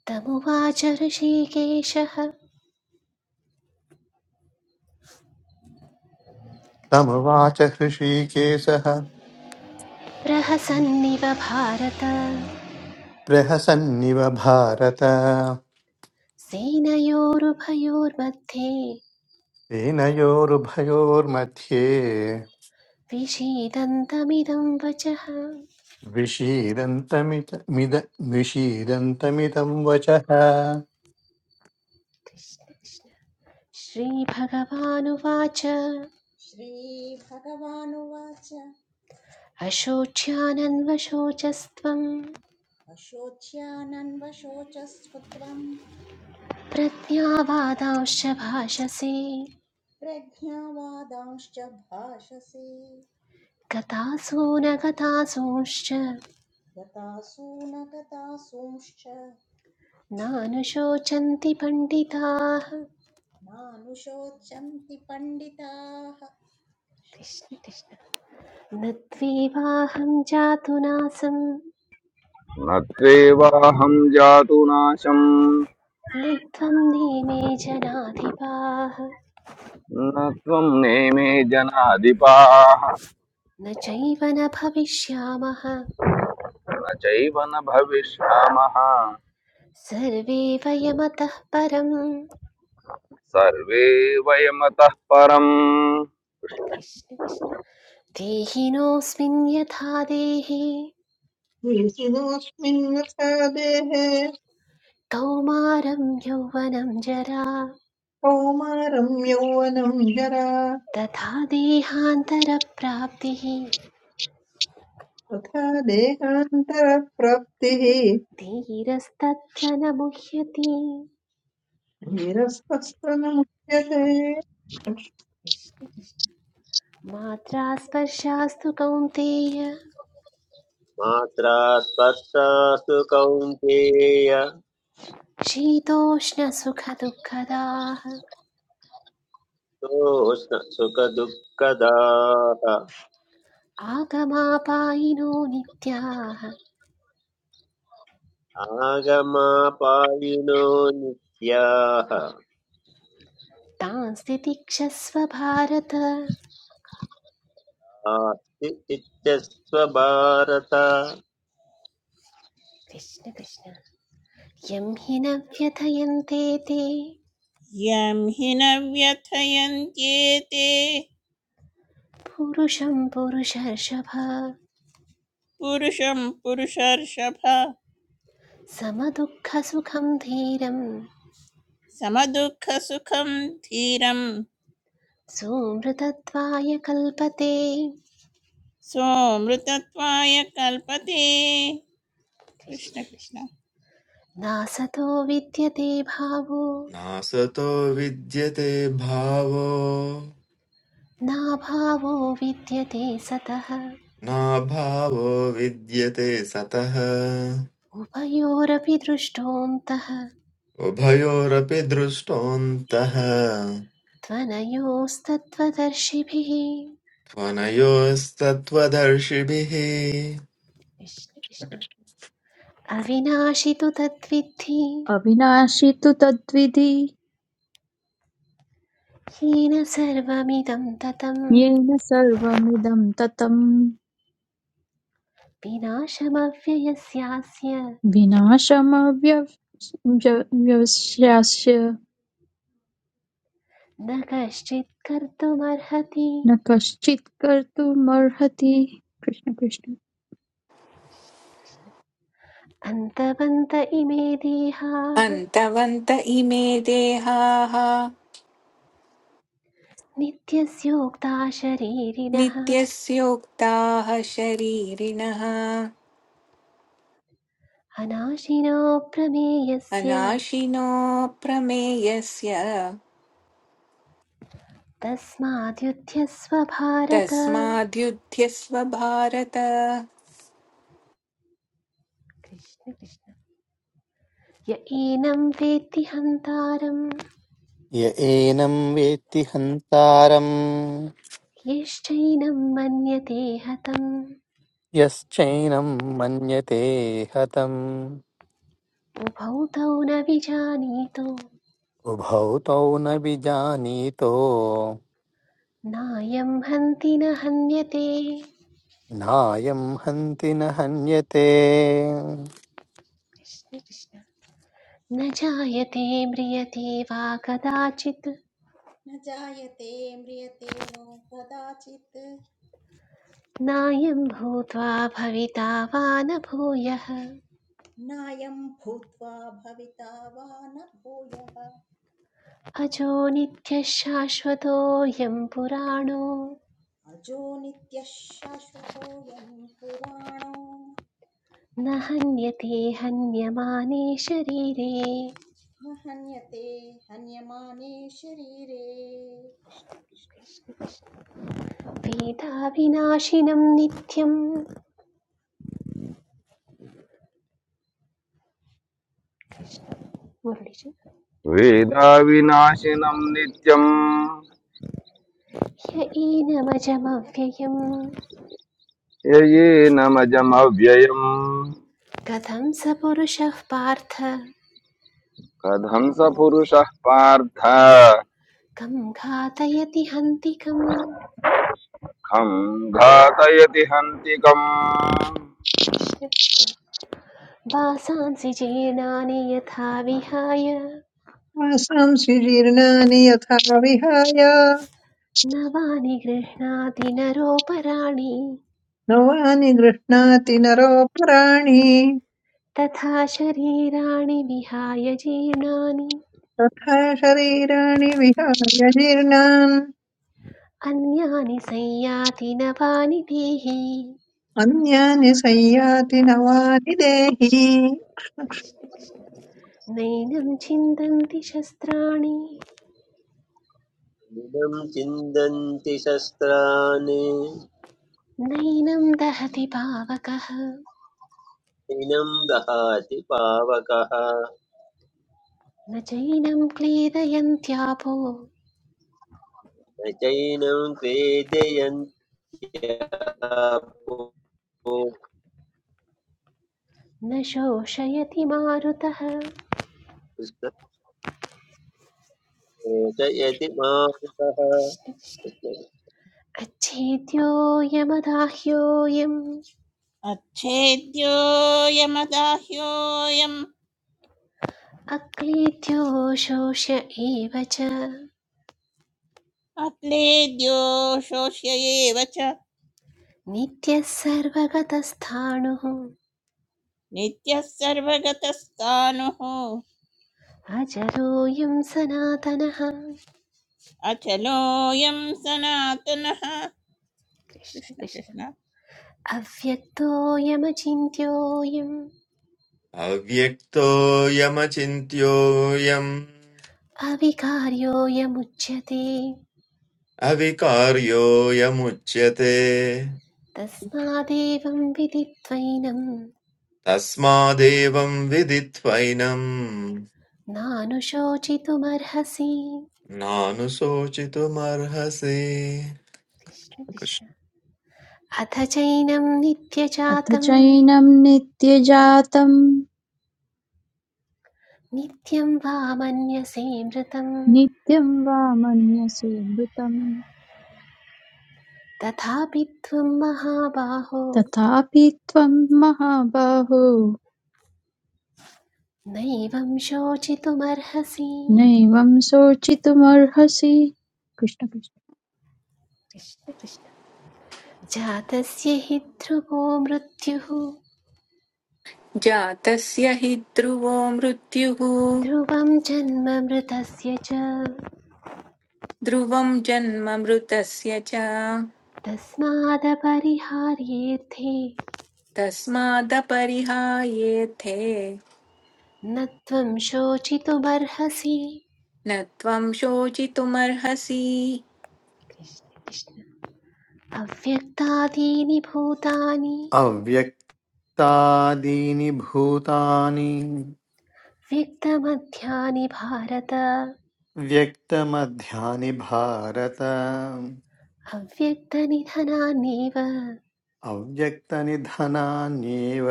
Speaker 1: तमुवाच ऋषिकेशः
Speaker 2: तमुवाच हृषीकेशः
Speaker 1: प्रहसन्निव भारत
Speaker 2: प्रहसन्निव भारत
Speaker 1: सेनयोरुभयोर्मध्ये
Speaker 2: तेनयोरुभयोर्मध्ये
Speaker 1: विषीदन्तमिदं वचः
Speaker 2: विषीदन्तमित मिद विषीदन्तमिदं वचः
Speaker 1: श्रीभगवानुवाच
Speaker 3: श्रीभगवानुवाच
Speaker 1: अशोच्यानन्वशोचस्त्वम्
Speaker 3: वशोच्यानन्वशोचस्वत्वम्
Speaker 1: प्रज्ञावादांश्च भाषसे
Speaker 3: प्रज्ञावादांश्च भाषसे
Speaker 1: गतासो न गतासूंश्च
Speaker 3: गतासून गतासूंश्च
Speaker 1: नानुशोचन्ति पण्डिताः
Speaker 3: नानुशोचन्ति पण्डिताः
Speaker 1: कृष्ण कृष्ण न त्वेवाहं जातु नासं
Speaker 4: कृष्ण। न त्वेवाहं जातु नाशम्
Speaker 1: न त्वं नेमे जनाधिपाः
Speaker 4: न त्वं नेमे जनाधिपाः न
Speaker 1: न चैव न भविष्यामः
Speaker 4: चैव न भविष्यामः
Speaker 1: सर्वे वयमतः परं
Speaker 4: सर्वे वयमतः परम्
Speaker 1: कृष्ण कृष्ण देहिनोऽस्मिन् यथा देहे
Speaker 5: वेशिनोऽस्मिन् यथा देहे
Speaker 1: कौमारं यौवनं जरा
Speaker 5: कौमारं यौवनं जरा
Speaker 1: तथा देहान्तरप्राप्तिः
Speaker 5: तथा देहान्तरप्राप्तिः
Speaker 1: धीरस्तत्र न मुह्यति
Speaker 5: धीरस्वस्थनमुच्यते
Speaker 1: मात्रा स्पर्शास्तु कौन्तेय
Speaker 6: मात्रा स्पर्शास्तु कौन्तेय
Speaker 1: शीतोष्णसुखदुःखदाः
Speaker 6: सोऽस्न सुखदुःखदाः
Speaker 1: आगमापायिनो नित्याः
Speaker 6: आगमापायिनो नित्याः
Speaker 1: तांस्ति तिक्षस्व भारत
Speaker 6: आस्ति इत्यस्व भारत
Speaker 1: कृष्ण कृष्ण यं हि न व्यथयन्ते ते
Speaker 7: यं हि न व्यथयन्त्येते
Speaker 1: पुरुषं पुरुषर्षभ
Speaker 7: पुरुषं पुरुषर्षभ
Speaker 1: समदुःखसुखं धीरम्
Speaker 7: समदुःखसुखं धीरं
Speaker 1: सोऽमृतत्वाय कल्पते
Speaker 7: सोमृतत्वाय कल्पते कृष्ण
Speaker 1: कृष्ण
Speaker 7: कृष्ण
Speaker 1: कृष्ण। नासतो विद्यते भावो
Speaker 8: नासतो विद्यते भावो
Speaker 1: नाभावो विद्यते सतः
Speaker 8: नाभावो विद्यते सतः
Speaker 1: उभयोरपि दृष्टोऽन्तः
Speaker 8: उभयोरपि दृष्टोऽन्तः
Speaker 1: त्वनयोस्तत्त्वदर्शिभिः
Speaker 8: त्वनयोस्तत्त्वदर्शिभिः
Speaker 1: कृष्ण कृष्ण अविनाशि तु तद्विद्धि
Speaker 9: अविनाशी तु तद्विधि
Speaker 1: हीन सर्वमिदं ततं
Speaker 9: येन सर्वमिदं ततं
Speaker 1: विनाशमव्ययस्यास्य
Speaker 9: विनाशमव्यवस्यास्य
Speaker 1: न कश्चित् कर्तुमर्हति
Speaker 9: न कश्चित् कर्तुमर्हति कृष्ण कृष्ण
Speaker 1: अन्तवन्त इमे देहाः
Speaker 10: अन्तवन्त इमे देहाः
Speaker 1: नित्यस्योक्ता शरीरिणः
Speaker 10: नित्यस्योक्ताः शरीरिणः
Speaker 1: अनाशिनो प्रमेयस्य
Speaker 10: अनाशिनो प्रमेयस्य
Speaker 1: तस्माद्युध्यस्व भारत
Speaker 10: तस्माद्युध्यस्व भारत
Speaker 1: कृष्ण कृष्ण य एनं वेत्ति हन्तारं
Speaker 2: य एनं वेत्ति हन्तारम्
Speaker 1: यश्चैनं मन्यते हतम्
Speaker 2: यश्चैनं मन्यते हतम्
Speaker 1: उभौ तौ न विजानीतो
Speaker 2: उभौ तौ न विजानीतो
Speaker 1: नायं हन्ति न हन्यते
Speaker 2: नायं हन्ति न हन्यते
Speaker 1: कृष्ण कृष्ण न जायते म्रियते वा कदाचित्
Speaker 3: न जायते म्रियते वा कदाचित्
Speaker 1: नायं भूत्वा भविता वा न भूयः
Speaker 3: नायं भूत्वा भविता वा न भूयः
Speaker 1: अजो नित्यः शाश्वतोऽयं पुराणो
Speaker 3: अजो नित्यः शाश्वतोऽयम् पुराणो
Speaker 1: न हन्यते हन्यमाने शरीरे
Speaker 3: न हन्यते हन्यमाने शरीरे कृष्ण कृष्ण
Speaker 1: वेदाविनाशिनं नित्यं मुरळिजि
Speaker 4: वेदाविनाशिनं नित्यम्
Speaker 1: ह्य एनमजमव्ययम्
Speaker 4: ययेनमजमव्ययम्
Speaker 1: कथं स पुरुषः पार्थ
Speaker 4: कथं स पुरुषः पार्थ
Speaker 1: कं घातयति हन्तिकम्
Speaker 4: खं घातयति हन्तिकम्
Speaker 1: कृष्ण कृष्ण वासांसि जीर्णानि यथा विहाय
Speaker 5: श्वासांसि जीर्णानि यथा विहाय
Speaker 1: नवानि वाणि गृह्णाति नरोपराणि
Speaker 5: नवानि गृह्णाति नरोपराणि
Speaker 1: तथा शरीराणि विहाय जीर्णानि
Speaker 5: तथा शरीराणि विहाय जीर्णान्
Speaker 1: अन्यानि संयाति नवानिधीः
Speaker 5: अन्यानि संयाति नवानिदेहि
Speaker 1: नैनं छिन्दन्ति शस्त्राणि
Speaker 6: इदं चिन्तन्ति शस्त्राणि
Speaker 1: नैनं दहति पावकः
Speaker 6: इनं दहाति पावकः
Speaker 1: न चैनं क्लेदयन्त्यापो
Speaker 6: न चैनं क्रेदयन्त्यापो
Speaker 1: न शोषयति मारुतः
Speaker 6: कृष्णचयति मारुतः
Speaker 1: अच्छेद्योऽयमदाह्योऽयम्
Speaker 7: अच्छेद्योऽयमदाह्योऽयम्
Speaker 1: अक्लीद्यो शोष्य एव च
Speaker 7: अक्लेद्यो शोष्य एव च
Speaker 1: नित्यः सर्वगतस्थाणुः
Speaker 7: नित्यः सर्वगतस्तानुः
Speaker 1: अजरोऽयं सनातनः
Speaker 7: अचलोऽयं सनातनः
Speaker 1: कृष्ण
Speaker 7: कृष्ण
Speaker 1: कृष्ण
Speaker 7: कृष्ण
Speaker 1: अव्यक्तोऽयमचिन्त्योऽयम्
Speaker 8: अव्यक्तोऽयमचिन्त्योऽयम्
Speaker 1: अविकार्योऽयमुच्यते
Speaker 8: अविकार्योऽयमुच्यते
Speaker 1: तस्मादेवं विदित्वैनं
Speaker 8: तस्मादेवं विदित्वैनं,
Speaker 1: नानुशोचितुमर्हसि
Speaker 8: नानुशोचितुमर्हसि
Speaker 1: कृष्ण कृष्ण अथ चैनं
Speaker 9: अथ
Speaker 1: नित्यजातं
Speaker 9: चैनं नित्यजातं
Speaker 1: नित्यं वा मन्यसे मृतं
Speaker 9: नित्यं वा मन्यसे मृतं
Speaker 1: तथापि त्वं महाबाहो
Speaker 9: तथापि त्वं महाबाहो
Speaker 1: नैवं शोचितुमर्हसि
Speaker 9: नैवं शोचितुमर्हसि कृष्ण कृष्ण
Speaker 1: कृष्ण कृष्ण जातस्य हि ध्रुवो मृत्युः
Speaker 10: जातस्य हि ध्रुवो मृत्युः
Speaker 1: ध्रुवं जन्म मृतस्य च
Speaker 10: ध्रुवं जन्म मृतस्य च
Speaker 1: तस्मादपरिहार्येऽर्थे
Speaker 10: तस्मादपरिहायेथे
Speaker 1: न त्वं शोचितुमर्हसि
Speaker 10: न त्वं शोचितुमर्हसि
Speaker 1: कृष्ण कृष्ण अव्यक्तादीनि भूतानि
Speaker 2: अव्यक्तादीनि भूतानि
Speaker 1: व्यक्तमध्यानि भारत
Speaker 2: व्यक्तमध्यानि भारत
Speaker 1: अव्यक्तनिधनान्येव
Speaker 2: अव्यक्तनिधनान्येव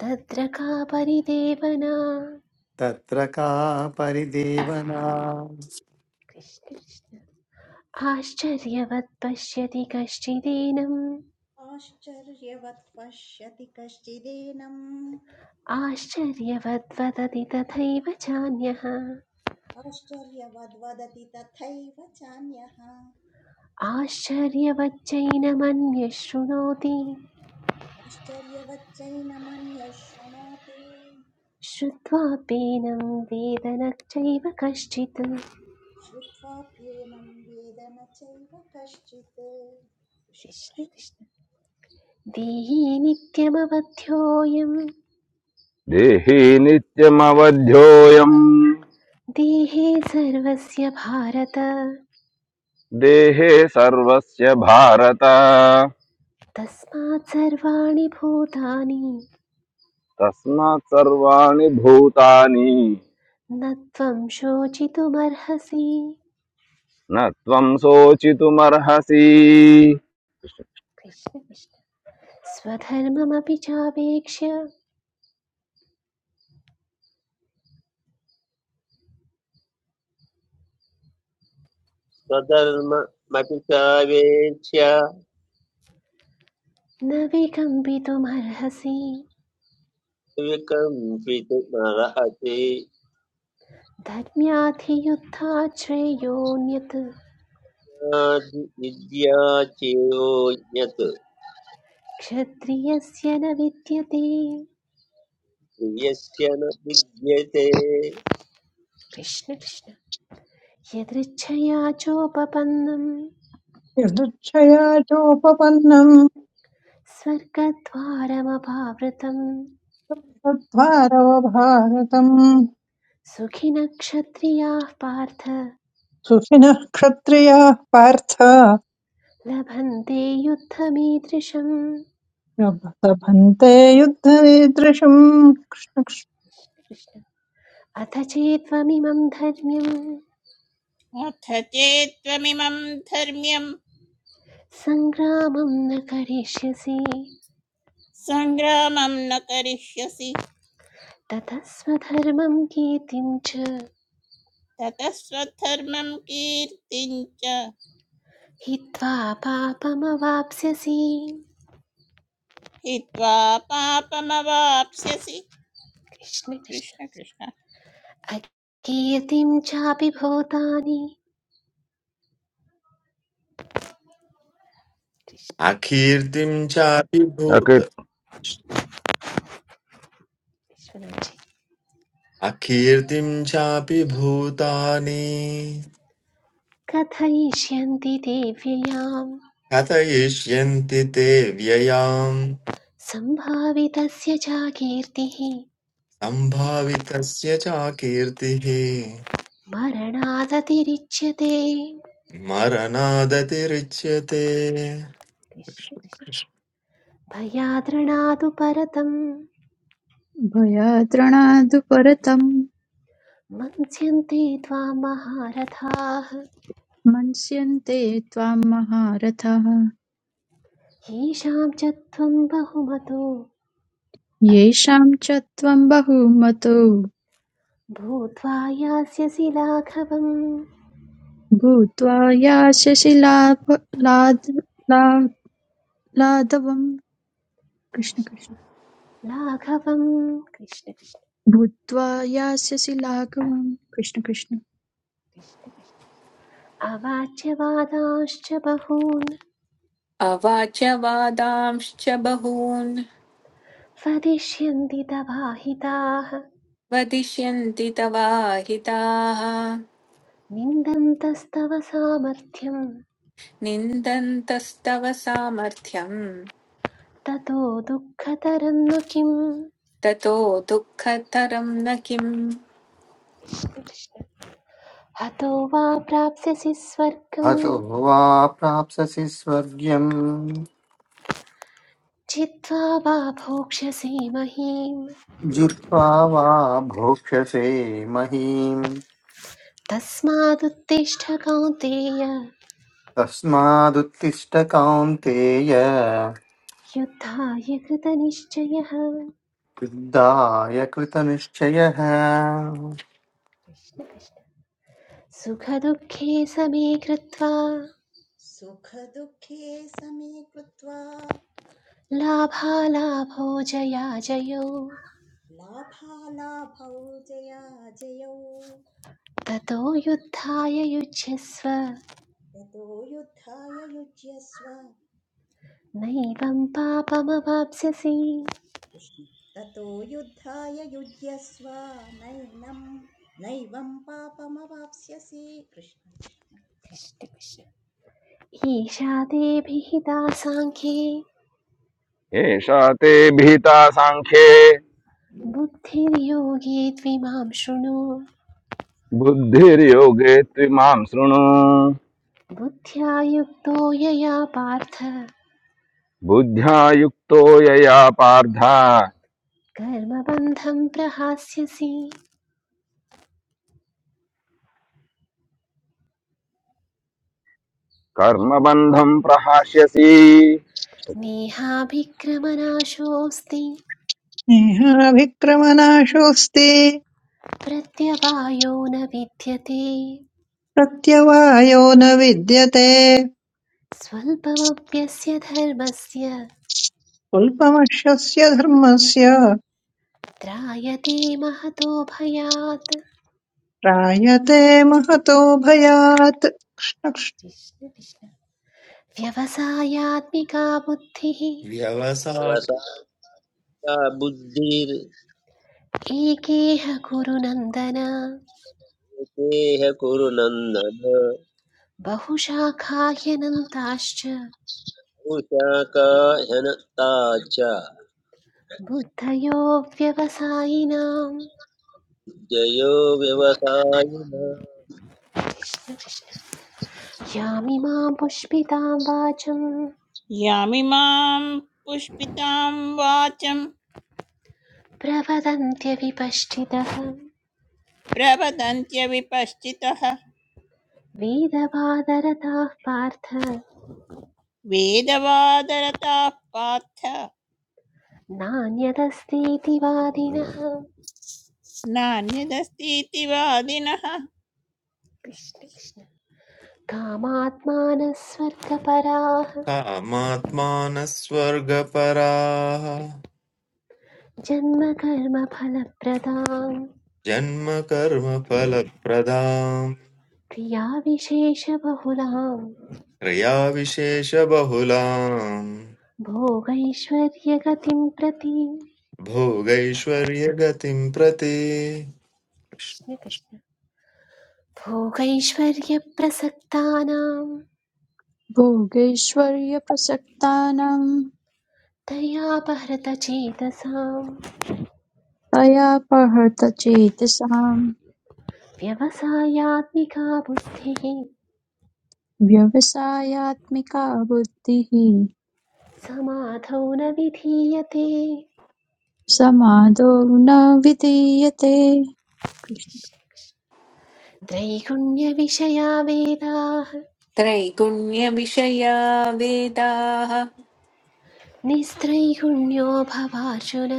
Speaker 1: तत्र का परिदेवना
Speaker 2: तत्र का परिदेवना
Speaker 1: कृष्ण कृष्ण आश्चर्यवत् पश्यति कश्चिदेनम्
Speaker 3: आश्चर्यवत् पश्यति कश्चिदेनम्
Speaker 1: आश्चर्यवद् वदति तथैव चान्यः
Speaker 3: आश्चर्यवद्वदति तथैव चान्यः
Speaker 1: आश्चर्यवच्चैनमन्यः शृणोति
Speaker 3: आश्चर्यवच्चैनमन्यः शृणोति
Speaker 1: श्रुत्वाप्येनं वेद न चैव कश्चित्
Speaker 3: श्रुत्वाप्येनम् वेद न चैव कश्चित् कृष्ण
Speaker 1: कृष्ण
Speaker 3: कृष्ण
Speaker 1: कृष्ण देही नित्यमवध्योऽयं
Speaker 4: देहे नित्यमवध्योऽयम्
Speaker 1: देहे सर्वस्य भारत
Speaker 4: देहे सर्वस्य भारत
Speaker 1: तस्मात् सर्वाणि भूतानि
Speaker 4: तस्मात् सर्वाणि भूतानि
Speaker 1: न त्वं शोचितुमर्हसि
Speaker 4: न त्वं शोचितुमर्हसि
Speaker 1: कृष्ण कृष्ण स्वधर्ममपि चावेक्ष्य
Speaker 6: स्वधर्ममपि सावेक्ष्य
Speaker 1: न विकम्पितुमर्हसि
Speaker 6: विकम्पित नरहति
Speaker 1: धर्म्याधियुद्धाश्रेयोऽन्यत्
Speaker 6: विद्या चेयोन्यत्
Speaker 1: क्षत्रियस्य न विद्यते
Speaker 6: प्रियस्य न विद्यते
Speaker 1: कृष्ण कृष्ण यदृच्छया चोपपन्नं
Speaker 5: यदुच्छया चोपपन्नम्
Speaker 1: स्वर्गद्वारमपावृतं
Speaker 5: तद्वारव भारतम्
Speaker 1: सुखिनः क्षत्रियाः पार्थ
Speaker 5: सुखिनः क्षत्रियाः पार्थ
Speaker 1: लभन्ते युद्धमीदृशम्
Speaker 5: लभन्ते युद्धरीदृशम् कृष्ण कृष्ण।
Speaker 1: कृष्ण अथ चेत्त्वमिमं धर्म्यम्
Speaker 7: अथ चेत् त्वमिमं धर्म्यं
Speaker 1: सङ्ग्रामं न करिष्यसि
Speaker 7: सङ्ग्रामं न करिष्यसि
Speaker 1: ततः स्वधर्मं कीर्तिं च
Speaker 7: ततः स्वधर्मं कीर्तिं च
Speaker 1: हित्वा पापमवाप्स्यसि
Speaker 7: हित्वा पापमवाप्स्यसि
Speaker 1: कृष्ण
Speaker 7: कृष्ण
Speaker 1: कृष्ण
Speaker 7: कृष्ण
Speaker 1: अकीर्तिं चापि भूतानि कृष्ण
Speaker 8: अकीर्तिं चापि भूत
Speaker 4: अकृत्
Speaker 1: कृष्णनाचि
Speaker 8: अकीर्तिं चापि भूतानि
Speaker 1: कथयिष्यन्ति ते व्ययां
Speaker 8: कथयिष्यन्ति ते व्ययाम्
Speaker 1: सम्भावितस्य च कीर्तिः
Speaker 8: सम्भावितस्य चाकीर्तिः
Speaker 1: मरणादतिरिच्यते
Speaker 8: मरणादतिरिच्यते
Speaker 1: कृष्ण कृष्ण भयाद्रणादु परतं
Speaker 9: भयाद्रणादुपरतम्
Speaker 1: मन्स्यन्ते त्वा
Speaker 9: मन्स्यन्ते त्वां महारथाः
Speaker 1: येषां च त्वं बहुमतो
Speaker 9: येषां च त्वं बहुमतो
Speaker 1: भूत्वा यास्यसि लाघवम्
Speaker 9: भूत्वा यास्यसि लाभ- लाद- ला- लाघवम् कृष्ण कृष्ण
Speaker 1: लाघवम् कृष्ण कृष्ण
Speaker 9: भूत्वा यास्यसि लाघवम् कृष्ण कृष्ण
Speaker 1: कृष्ण कृष्ण अवाच्यवादांश्च बहून्
Speaker 10: अवाच वादांश्च बहून्
Speaker 1: फदिष्यन्ति तवाहिताः
Speaker 10: वदिष्यन्ति तवाहिताः
Speaker 1: निन्दन्तस्तव सामर्थ्यं
Speaker 10: निन्दन्तस्तव सामर्थ्यम्
Speaker 1: ततो दुःखतरं नु किम्
Speaker 10: ततो दुःखतरं न किम्
Speaker 1: हतो वा प्राप्स्यसि स्वर्गं
Speaker 2: हतो वा प्राप्स्यसि स्वर्ग्यम्
Speaker 1: चित्वा वा भोक्ष्यसि महीम्
Speaker 2: जित्वा वा भोक्ष्यसे महीम्
Speaker 1: तस्मादुत्तिष्ठ कौन्तेय
Speaker 2: तस्मादुत्तिष्ठ कौन्तेय
Speaker 1: युद्धाय कृतनिश्चयः
Speaker 2: युद्धाय कृतनिश्चयः
Speaker 1: सुखदुःखे समे कृत्वा
Speaker 3: सुखदुःखे समे कृत्वा
Speaker 1: लाभालाभो जयाजयो
Speaker 3: लाभालाभौ जयाजयौ
Speaker 1: ततो युद्धाय युज्यस्व
Speaker 3: ततो युद्धाय युज्यस्व
Speaker 1: नैवं पापमवाप्स्यसि
Speaker 3: कृष्ण ततो युद्धाय युज्यस्व नैनं नैवं पापमवाप्स्यसि कृष्ण
Speaker 1: कृष्ण कृष्ण। ईशा देभिहिता साङ्ख्ये
Speaker 4: एषा ते भीता साङ्ख्ये
Speaker 1: बुद्धिर्योगे द्विमां शृणु
Speaker 4: बुद्धिर्योगे त्विमां शृणु
Speaker 1: बुद्ध्या युक्तो यया पार्थ
Speaker 4: बुद्ध्या युक्तो यया पार्थ
Speaker 1: कर्मबन्धं प्रहास्यसि
Speaker 4: कर्मबन्धं
Speaker 1: कृष्ण
Speaker 4: प्रहास्यसि
Speaker 1: कृष्ण नेहाभिक्रमनाशोऽस्ति
Speaker 5: स्नेहाभिक्रमनाशोऽस्ति
Speaker 1: प्रत्यवायो न विद्यते
Speaker 5: प्रत्यवायो न विद्यते
Speaker 1: स्वल्पमप्यस्य धर्मस्य
Speaker 5: स्वल्पमश्यस्य धर्मस्य
Speaker 1: त्रायते महतो भयात्
Speaker 5: त्रायते महतो भयात् कृष्णकृष्ण
Speaker 1: कृष्ण कृष्ण व्यवसायात्मिका बुद्धिः
Speaker 8: व्यवसाय
Speaker 6: वसाका बुद्धिर्देह
Speaker 1: एकेह गुरुनन्दन
Speaker 6: कुरु नन्दन
Speaker 1: बहुशाखाह्यनन्ताश्च
Speaker 6: उशाका ह्यनत्ता च
Speaker 1: बुद्धयो व्यवसायिनाम्
Speaker 6: जयो व्यवसायिन
Speaker 1: यामिमां पुष्पितां वाचं
Speaker 7: यामिमां पुष्पितां वाचं
Speaker 1: प्रवदन्त्यविपश्चितः
Speaker 7: प्रवदन्त्यविपश्चितः
Speaker 1: वेदवादरताः पार्थ
Speaker 7: वेदवादरताः पार्थ
Speaker 1: नान्यदस्तीति वादिनः
Speaker 7: नान्यदस्तीति वादिनः
Speaker 1: कृष्ण कृष्ण कामात्मानः स्वर्गपराः
Speaker 8: कामात्मानस्वर्गपराः
Speaker 1: जन्मकर्मफलप्रदां
Speaker 8: जन्मकर्मफलप्रदाम्
Speaker 1: क्रिया विशेषबहुलां
Speaker 8: क्रियाविशेषबहुलाम्
Speaker 1: भोगैश्वर्यगतिं प्रति
Speaker 8: भोगैश्वर्यगतिं प्रति
Speaker 1: कृष्ण कृष्ण भोगैश्वर्यप्रसक्तानां
Speaker 9: भोगैश्वर्यप्रसक्तानां
Speaker 1: तयापहृतचेतसां
Speaker 9: तया प्रहृतचेतसाम्
Speaker 1: व्यवसायात्मिका बुद्धिः
Speaker 9: व्यवसायात्मिका बुद्धिः
Speaker 1: समाधौ न विधीयते
Speaker 9: समादो न विधीयते
Speaker 1: त्रैगुण्यविषया वेदाः
Speaker 10: त्रैगुण्यविषया वेदाः
Speaker 1: निस्त्रैगुण्यो भवार्जुन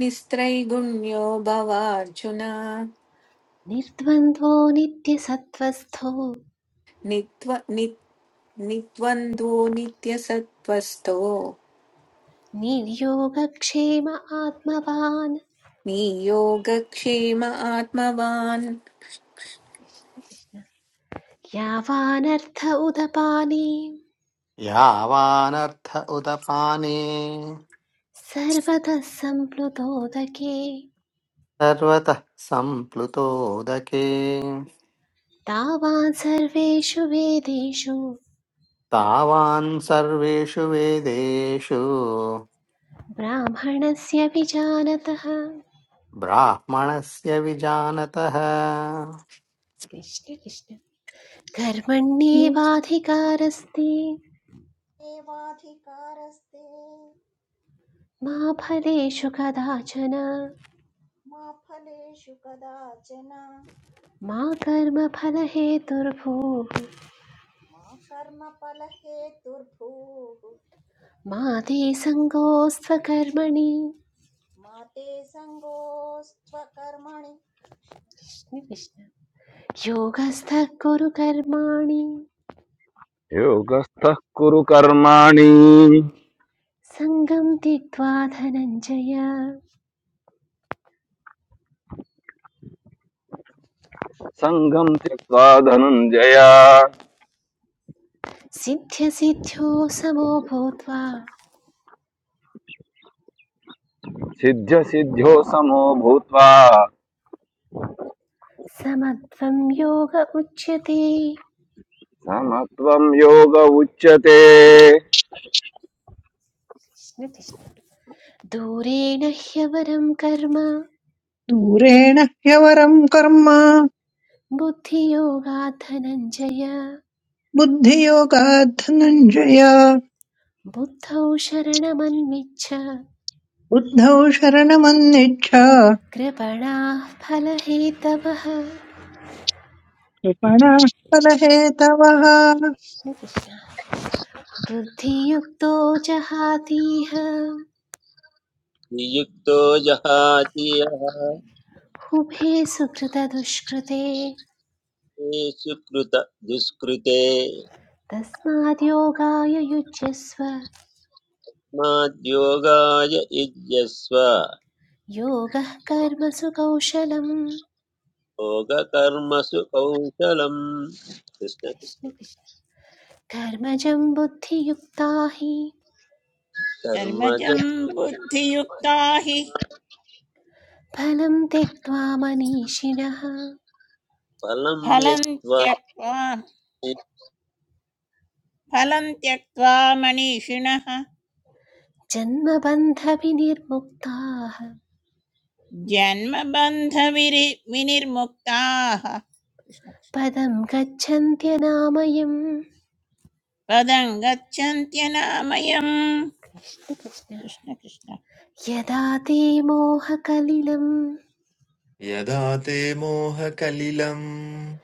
Speaker 10: निस्त्रैगुण्यो भवार्जुन
Speaker 1: निर्द्वन्द्वो नित्यसत्त्वस्थो
Speaker 10: नित्व नि, निद्वन्द्वो नित्यसत्त्वस्तो
Speaker 1: निर्योगक्षेम आत्मवान्
Speaker 10: नियोगक्षेम आत्मवान्
Speaker 1: कृष्ण कृष्ण यावानर्थ उदपाने
Speaker 2: यावानर्थ उदपाने
Speaker 1: सर्वतः सम्प्लुतोदके
Speaker 2: सर्वतः सम्प्लुतोदके
Speaker 1: तावान् सर्वेषु वेदेषु
Speaker 2: तावान् सर्वेषु वेदेषु
Speaker 1: ब्राह्मणस्य विजानतः
Speaker 2: ब्राह्मणस्य विजानतः
Speaker 1: कृष्ण कृष्ण कर्मण्येवाधिकारस्ति
Speaker 3: एवाधिकारस्ते
Speaker 1: मा फलेषु कदाचन
Speaker 3: मा फलेषु कदाचन
Speaker 1: मा कर्मफलहेतुर्भूः
Speaker 3: मा कर्मफलहेतुर्भूः
Speaker 1: मा ते सङ्गोऽस्त्वकर्मणि
Speaker 3: मा ते सङ्गोऽस्त्वकर्मणि
Speaker 1: कृष्ण कृष्ण योगस्थः कुरु कर्माणि
Speaker 4: योगस्थः कुरु कर्माणि
Speaker 1: सङ्गं त्यक्त्वा धनञ्जय
Speaker 4: संगम त्यक्त्वा धनंजय
Speaker 1: सिद्ध्यसिद्ध्यो समो भूत्वा
Speaker 4: सिद्ध सिद्ध्यो समो भूत्वा
Speaker 1: समत्वं योग उच्यते
Speaker 4: समत्वं योग उच्यते यः
Speaker 1: दूरेण ह्यवरं कर्म
Speaker 5: दूरेण ह्यवरम् कर्म
Speaker 1: बुद्धियोगात् धनञ्जय
Speaker 5: बुद्धियोगात् धनञ्जय
Speaker 1: बुद्धौ शरणमन्विच्छ
Speaker 5: बुद्धौ शरणमन्निच्छ
Speaker 1: कृपणाः फलहेतवः
Speaker 5: कृपणः फलहेतवः
Speaker 1: बुद्धियुक्तो जहातीह
Speaker 6: नियुक्तो जहाति यः
Speaker 1: उभे सुकृतदुष्कृते
Speaker 6: तेषु कृत दुष्कृते
Speaker 1: तस्माद् योगाय युज्यस्व
Speaker 6: तस्माद्योगाय युज्यस्व
Speaker 1: योगः कर्मसु कौशलम्
Speaker 6: योगकर्मसु कौशलम् कृष्ण कृष्ण
Speaker 1: कर्मजं बुद्धियुक्ता हि
Speaker 6: कर्मज
Speaker 7: कर्मजं बुद्धियुक्ता हि
Speaker 1: फलं त्यक्त्वा मनीषिणः
Speaker 6: फलं
Speaker 7: फलं
Speaker 6: यत्त्वा
Speaker 7: त्यक्त्वा फलं त्यक्त्वा मनीषिणः
Speaker 1: जन्मबन्धविनिर्मुक्ताः
Speaker 7: जन्मबन्धविरि विनिर्मुक्ताः कृष्ण
Speaker 1: पदं गच्छन्त्यनामयम्
Speaker 7: पदं गच्छन्त्यनामयम्
Speaker 1: कृष्ण कृष्ण।
Speaker 7: कृष्ण कृष्ण
Speaker 1: यदा ते मोहकलिलं
Speaker 8: यदा ते मोहकलिलम्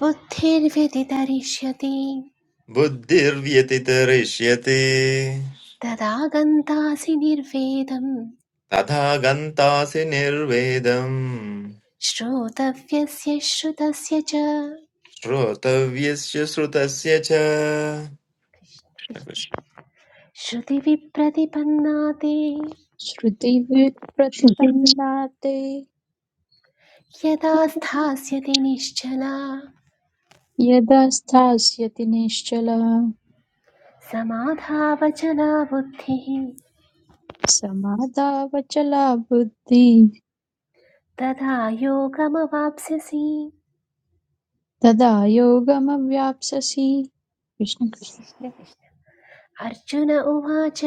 Speaker 1: बुद्धिर्व्यतितरिष्यति
Speaker 8: बुद्धिर्व्यतितरिष्यते
Speaker 1: तदा गन्तासि निर्वेदं
Speaker 8: तथा गन्तासि निर्वेदम्
Speaker 1: श्रोतव्यस्य श्रुतस्य च कृष्ण,
Speaker 8: श्रोतव्यस्य श्रुतस्य च
Speaker 1: कृष्ण। श्रुतिविप्रतिपन्ना
Speaker 9: श्रुतिविप्रतिपन्ना ते
Speaker 1: यदा स्थास्यति निश्चला
Speaker 9: यदा स्थास्यति निश्चला
Speaker 1: समाधावचना बुद्धिः
Speaker 9: समादावचला बुद्धिः
Speaker 1: तदा योगमवाप्स्यसि
Speaker 9: तदा योगमवाप्स्यसि कृष्ण कृष्ण।
Speaker 1: कृष्ण कृष्ण अर्जुन उवाच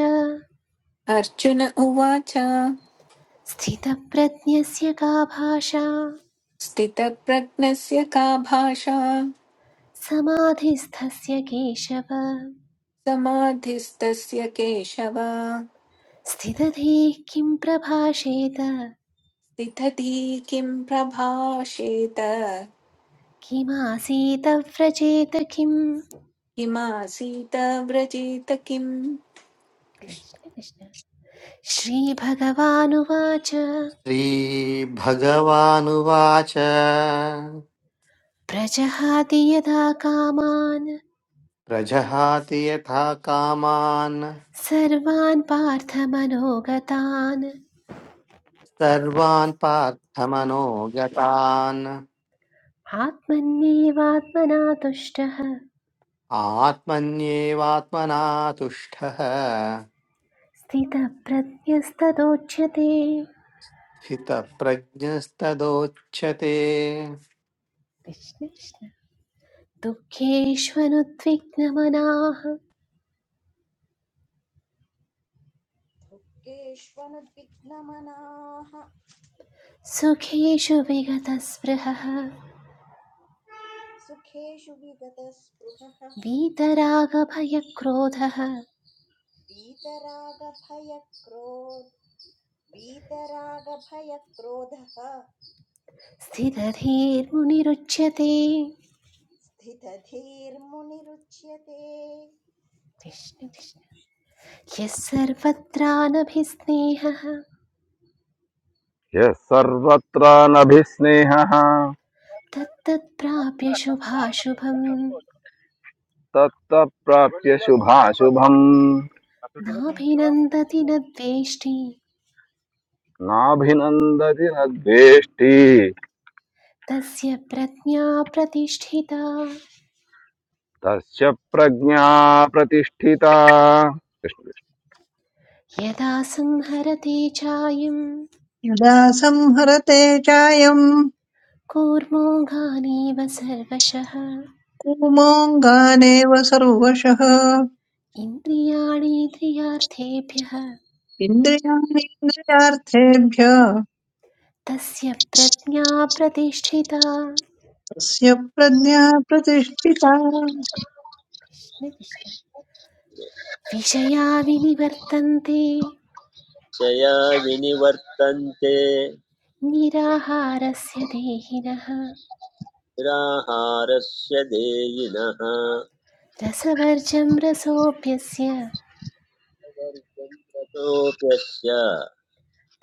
Speaker 10: अर्जुन उवाच
Speaker 1: स्थितप्रज्ञस्य का भाषा
Speaker 10: स्थितप्रज्ञस्य का भाषा
Speaker 1: समाधिस्थस्य केशव
Speaker 10: समाधिस्तस्य केशव
Speaker 1: स्थितधीः किं प्रभाषेत
Speaker 10: स्थितधी किं प्रभाषेत
Speaker 1: किमासीत व्रजेत किम्
Speaker 10: किमासीत व्रजेत किम्
Speaker 1: कृष्ण कृष्ण श्रीभगवानुवाच
Speaker 2: श्रीभगवानुवाच
Speaker 1: प्रजहाति यदा कामान्
Speaker 2: प्रजहाति यथा कामान्
Speaker 1: सर्वान् पार्थ मनोगतान्
Speaker 2: सर्वान् पार्थमनोगतान्
Speaker 1: आत्मन्येवात्मना तुष्टः
Speaker 2: आत्मन्येवात्मना तुष्टः
Speaker 1: स्थितप्रज्ञस्तदोच्यते
Speaker 2: स्थितप्रज्ञस्तदोच्यते
Speaker 1: कृष्ण कृष्ण दुःखेष्वनुद्विग्नमनाः
Speaker 3: दुःखेष्वनुद्विग्नमनाः
Speaker 1: सुखेषु विगतस्पृहः
Speaker 3: सुखेषु विगतस्पृहः
Speaker 1: वीतरागभयक्रोधः
Speaker 3: वीतरागभयक्रोध वीतरागभयक्रोधः
Speaker 1: स्थितधीर्मुनिरुच्यते
Speaker 3: स्थितधीर्मुनिरुच्यते
Speaker 1: कृष्ण कृष्ण यः सर्वत्रानभिस्नेहः
Speaker 4: सर्वत्र नभिस्नेहः
Speaker 1: तत्तत्प्राप्य शुभाशुभम्
Speaker 4: तत्तः प्राप्य शुभाशुभम्
Speaker 1: नाभिनन्दति न द्वेष्टि
Speaker 4: नाभिनन्दति न द्वेष्टि
Speaker 1: तस्य प्रज्ञा प्रतिष्ठिता
Speaker 4: तस्य प्रज्ञा प्रतिष्ठिता
Speaker 1: यदा संहरते चायं
Speaker 5: यदा संहरते चायम्
Speaker 1: कूर्मोघानीव सर्वशः
Speaker 5: कूमोऽङ्गानेव सर्वशः
Speaker 1: इन्द्रियाणीन्द्रियार्थेभ्यः
Speaker 5: इन्द्रियाणीन्द्रियार्थेभ्य
Speaker 1: तस्य प्रज्ञा प्रतिष्ठिता
Speaker 5: तस्य प्रज्ञा प्रतिष्ठिता
Speaker 1: कृष्ण कृष्ण विषया विनिवर्तन्ते
Speaker 6: निश्चया विनिवर्तन्ते
Speaker 1: निराहारस्य देहिनः
Speaker 6: निराहारस्य देयिनः
Speaker 1: रसवर्जं रसोऽप्यस्य
Speaker 6: तोऽप्यस्य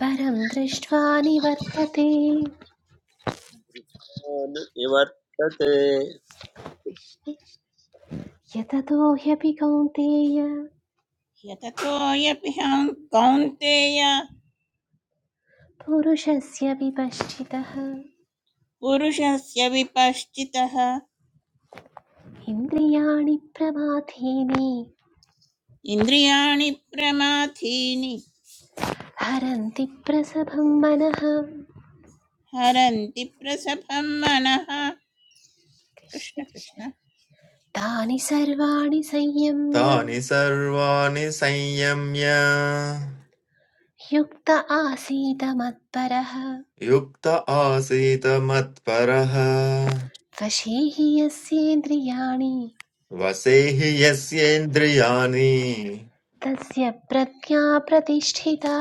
Speaker 1: परं दृष्ट्वा निवर्तते
Speaker 6: न निवर्तते
Speaker 1: कृष्ण कृष्ण। यततो ह्यपि कौन्तेय
Speaker 7: यततोऽयपि हं कौन्तेय
Speaker 1: पुरुषस्य विपश्चितः
Speaker 7: पुरुषस्य विपश्चितः
Speaker 1: इन्द्रियाणि प्रमाथीनि
Speaker 7: इन्द्रियाणि प्रमाथीनि
Speaker 1: हरन्ति प्रसभं मनः
Speaker 7: हरन्ति प्रसभं मनः
Speaker 1: कृष्ण
Speaker 7: कृष्ण
Speaker 1: कृष्ण
Speaker 7: कृष्ण
Speaker 1: तानि सर्वाणि संयम्य
Speaker 8: तानि सर्वाणि संयम्य
Speaker 1: युक्त आसीत मत्परः
Speaker 8: युक्त आसीत मत्परः
Speaker 1: वशी हि यस्येन्द्रियाणि
Speaker 8: वसेहि यस्येन्द्रियाणि
Speaker 1: तस्य प्रज्ञा प्रतिष्ठिता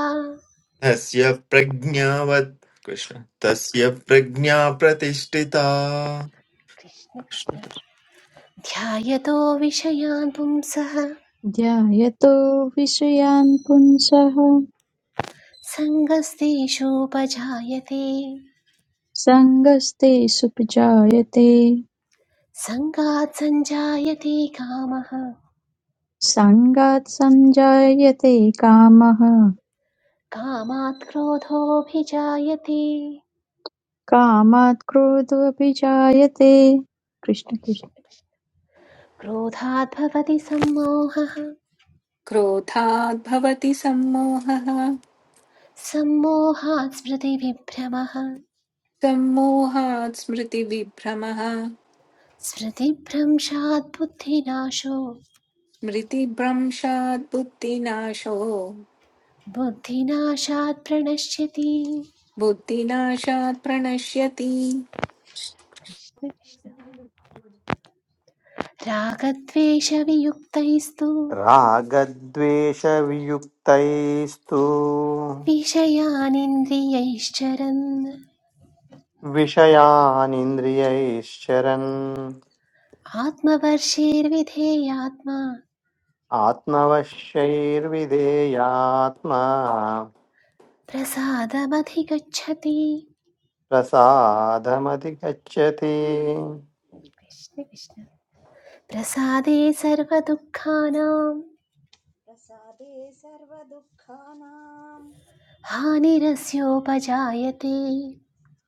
Speaker 8: तस्य प्रज्ञावत् कृष्ण तस्य प्रज्ञा प्रतिष्ठिता
Speaker 1: कृष्ण कृष्ण ध्यायतो विषयान् पुंसः
Speaker 9: ध्यायतो विषयान् पुंसः
Speaker 1: सङ्गस्तेषूपजायते
Speaker 9: सङ्गस्ते सुपजायते
Speaker 1: सङ्गात् सञ्जायते कामः
Speaker 9: सङ्गात् सञ्जायते कामः
Speaker 1: कामात् क्रोधोऽभिजायते
Speaker 9: कामात् क्रोधोऽपि जायते कृष्ण कृष्ण।
Speaker 1: क्रोधात् भवति सम्मोहः
Speaker 10: क्रोधाद् भवति सम्मोहः
Speaker 1: सम्मोहात् स्मृतिविभ्रमः
Speaker 10: सम्मोहात् स्मृतिविभ्रमः
Speaker 1: स्मृतिभ्रंशात् बुद्धिनाशो
Speaker 10: स्मृतिभ्रंशात् बुद्धिनाशो
Speaker 1: बुद्धिनाशात् प्रणश्यति
Speaker 10: बुद्धिनाशात् प्रणश्यति
Speaker 1: कृष्ण कृष्ण। रागद्वेषवियुक्तैस्तु
Speaker 2: रागद्वेषवियुक्तैस्तु
Speaker 1: विषयानिन्द्रियैश्चरन्
Speaker 2: विषयानिन्द्रियैश्चरन्
Speaker 1: आत्मवर्षेर्विधेयात्मा
Speaker 2: आत्मवश्यैर्विधेयात्मा
Speaker 1: प्रसादमधिगच्छति
Speaker 2: प्रसादमधिगच्छति
Speaker 1: कृष्ण कृष्ण प्रसादे सर्वदुःखानां
Speaker 3: प्रसादे सर्वदुःखानां
Speaker 1: हानिरस्योपजायते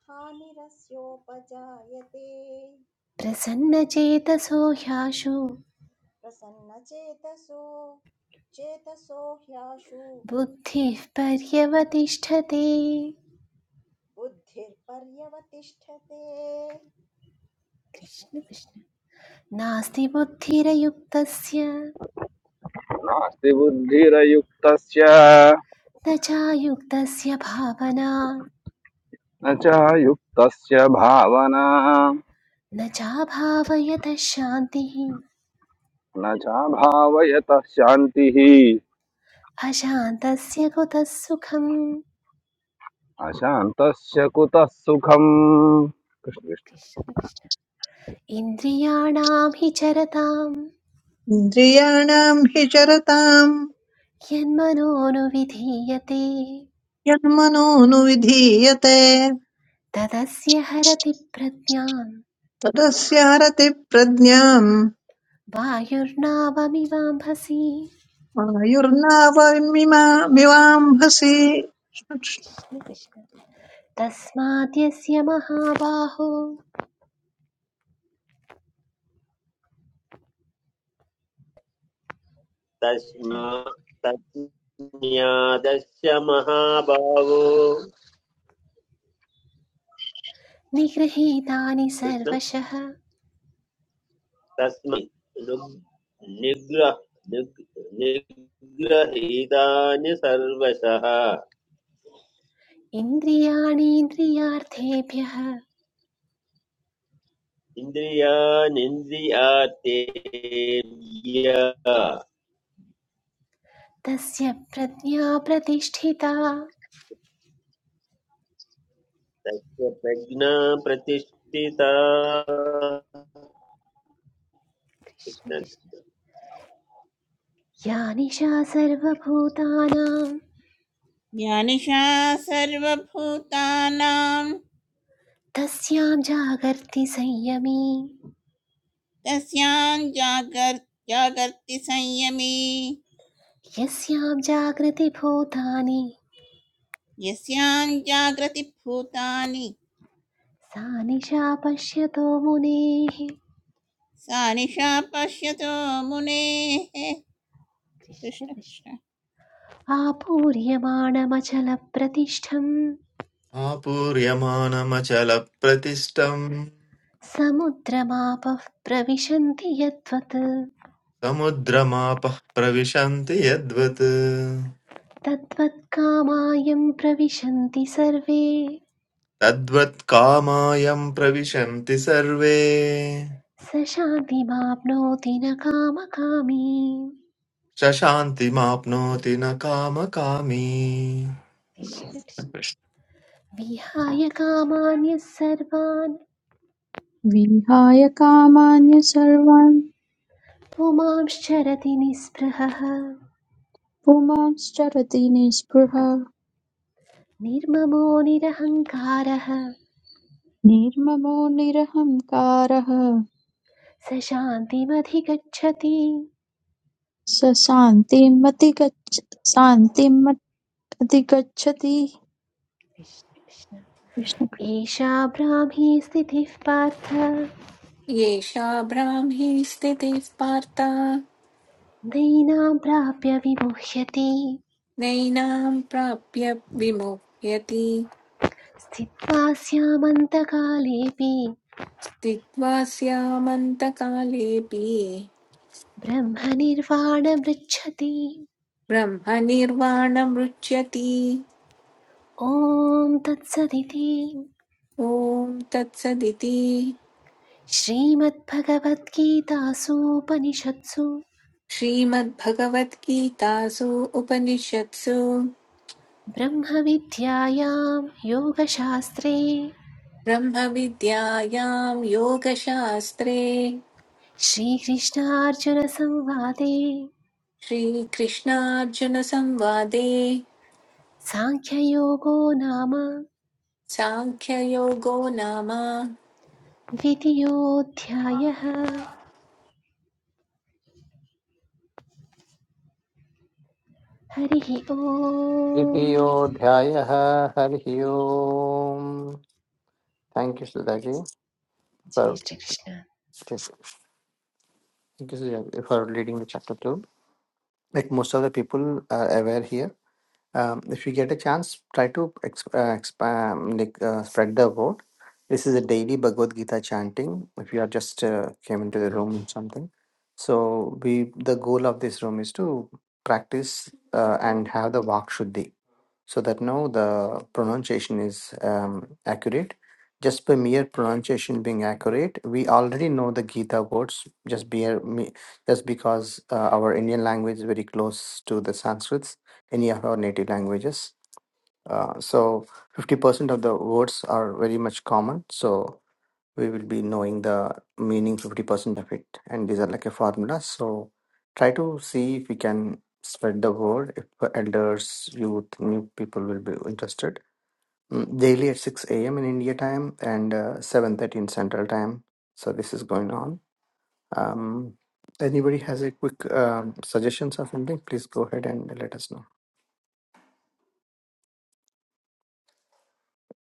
Speaker 3: हानिरस्योपजायते
Speaker 1: प्रसन्नचेतसो ह्याशु
Speaker 3: प्रसन्नचेतसो चेतसो ह्याशु
Speaker 1: बुद्धिः पर्यवतिष्ठते
Speaker 3: बुद्धिर्पर्यवतिष्ठते
Speaker 1: कृष्ण
Speaker 3: कृष्ण
Speaker 1: कृष्ण नास्ति बुद्धिरयुक्तस्य
Speaker 4: नास्ति बुद्धिरयुक्तस्य
Speaker 1: न चायुक्तस्य भावना
Speaker 4: न च युक्तस्य भावना
Speaker 1: न चाभावयतः शान्तिः
Speaker 4: न चाभावयतः शान्तिः
Speaker 1: अशान्तस्य कुतः सुखम्
Speaker 4: अशान्तस्य कुतः सुखम् कृष्ण।
Speaker 1: कृष्ण कृष्ण इन्द्रियाणां हि चरतां
Speaker 5: इन्द्रियाणाम् हि चरताम्
Speaker 1: यन्मनोनुविधीयते
Speaker 5: यन्मनो नुविधीयते
Speaker 1: तदस्य हरति प्रज्ञान्
Speaker 5: तदस्य हरति प्रज्ञाम्
Speaker 1: वायुर्नावमिवाम्भसि
Speaker 5: आयुर्नावमिवाम्भसि जय श्री
Speaker 1: कृष्ण कृष्ण। तस्माद्यस्य महाबाहो
Speaker 6: तस्मा तज्ज्ञादस्य महाभावो
Speaker 1: निगृहीतानि
Speaker 6: कृष्ण
Speaker 1: सर्वशः
Speaker 6: तस्मै नु- निग्रह निग्- निग्रहीतानि सर्वशः
Speaker 1: इन्द्रियाणीन्द्रियार्थेभ्यः
Speaker 6: इन्द्रियानिन्द्रियार्थेभ्य
Speaker 1: तस्य प्रज्ञा प्रतिष्ठिता
Speaker 6: तस्य प्रज्ञा प्रतिष्ठिता कृष्ण
Speaker 1: कृष्ण कृष्ण। या निशा सर्वभूतानां
Speaker 7: ज्ञानिशा सर्वभूतानां
Speaker 1: तस्यां जागर्ति संयमी
Speaker 7: तस्यां जागर् जागर्ति संयमी
Speaker 1: यस्यां जागृतिभूतानि
Speaker 7: यस्यां जागृति भूतानि
Speaker 1: सा निशा पश्यतो मुनेः
Speaker 7: सा निशा पश्यतो मुनेः
Speaker 1: कृष्ण
Speaker 7: कृष्ण
Speaker 1: कृष्ण।
Speaker 7: कृष्ण
Speaker 1: आपूर्यमाणमचलप्रतिष्ठं
Speaker 8: आपूर्यमानमचलप्रतिष्ठम्
Speaker 1: समुद्रमापः प्रविशन्ति यद्वत्
Speaker 8: समुद्रमापः प्रविशन्ति यद्वत्
Speaker 1: तद्वत्कामायं प्रविशन्ति सर्वे
Speaker 8: तद्वत् कामायम् प्रविशन्ति सर्वे
Speaker 1: स शान्तिमाप्नोति न कामकामी
Speaker 8: शशान्तिमाप्नोति न कामकामी
Speaker 1: कृष्ण कृष्ण। विहाय कामान्यः सर्वान्
Speaker 9: विहाय कामान्य सर्वान्
Speaker 1: पुमांश्चरति निःस्पृहः
Speaker 9: पुमांश्चरति निःस्पृहः
Speaker 1: निर्ममो निरहङ्कारः
Speaker 9: निर्ममो निरहङ्कारः
Speaker 1: स शान्तिमधिगच्छति
Speaker 9: स शान्तिमतिगच्छ शान्तिमत्- अधिगच्छति
Speaker 1: कृष्ण
Speaker 9: कृष्ण
Speaker 1: एषा ब्राह्मी स्थितिः पार्थ
Speaker 10: येषा ब्राह्मी स्थितिः पार्ता
Speaker 1: नैनां प्राप्य विमुह्यति
Speaker 10: नैनां प्राप्य विमुह्यति
Speaker 1: स्थित्वा स्यामन्तकालेऽपि
Speaker 10: स्थित्वा स्यामन्तकालेऽपि
Speaker 1: ब्रह्मनिर्वाणमृच्छति
Speaker 10: ब्रह्मनिर्वाणमुच्यति
Speaker 1: ॐ तत्सदिति
Speaker 10: ॐ तत्सदिति
Speaker 1: श्रीमद्भगवद्गीतासूपनिषत्सु
Speaker 10: श्रीमद्भगवद्गीतासु उपनिषत्सु
Speaker 1: ब्रह्मविद्यायां योगशास्त्रे
Speaker 10: ब्रह्मविद्यायां योगशास्त्रे
Speaker 1: श्रीकृष्णार्जुनसंवादे
Speaker 10: श्रीकृष्णार्जुनसंवादे
Speaker 1: साङ्ख्ययोगो नाम
Speaker 10: सांख्ययोगो नाम
Speaker 1: द्वितीयोऽध्यायः हरिः ओम्
Speaker 2: द्वितीयोऽध्यायः हरिः ओम् थेङ्क् यू सुधाजी
Speaker 1: जय Shrikrishna
Speaker 2: for Because yeah, if you're reading the chapter two, like most of the people are aware here. Um, if you get a chance, try to exp- uh, expand, like uh, spread the word. This is a daily Bhagavad Gita chanting. If you are just uh, came into the room or something, so we the goal of this room is to practice uh, and have the vak shuddhi so that now the pronunciation is um, accurate. Just by mere pronunciation being accurate, we already know the Gita words just be, me- just because uh, our Indian language is very close to the Sanskrits, any of our native languages. Uh, so 50% of the words are very much common. So we will be knowing the meaning 50% of it and these are like a formula so try to see if we can spread the word if the elders youth new people will be interested Mm, daily at 6 a.m in india time and uh, 7.30 in central time so this is going on um, anybody has a quick um, suggestions or something please go ahead and let us know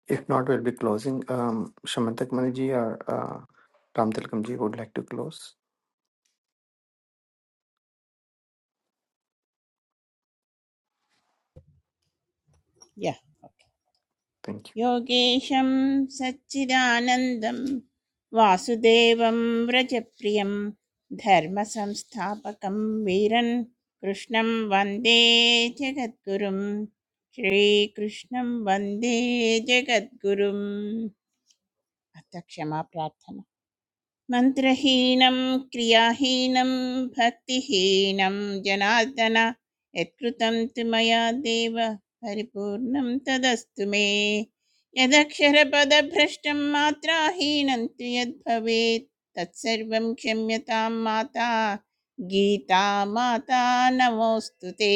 Speaker 2: if not we'll be closing um, shamantak maniji or uh, ram tilkamji would like to close
Speaker 7: यः
Speaker 2: thank you
Speaker 7: योगेशं सच्चिदानन्दं वासुदेवं व्रजप्रियं धर्मसंस्थापकं वीरन् कृष्णं वन्दे जगद्गुरुं श्रीकृष्णं वन्दे जगद्गुरुम् अथ क्षमा प्रार्थना। मन्त्रहीनं क्रियाहीनं भक्तिहीनं जनार्दन यत्कृतं तु मया देव परिपूर्णं तदस्तु मे यदक्षरपदभ्रष्टं मात्राहीनं तु यद्भवेत् तत्सर्वं क्षम्यतां माता गीता माता नमोऽस्तु ते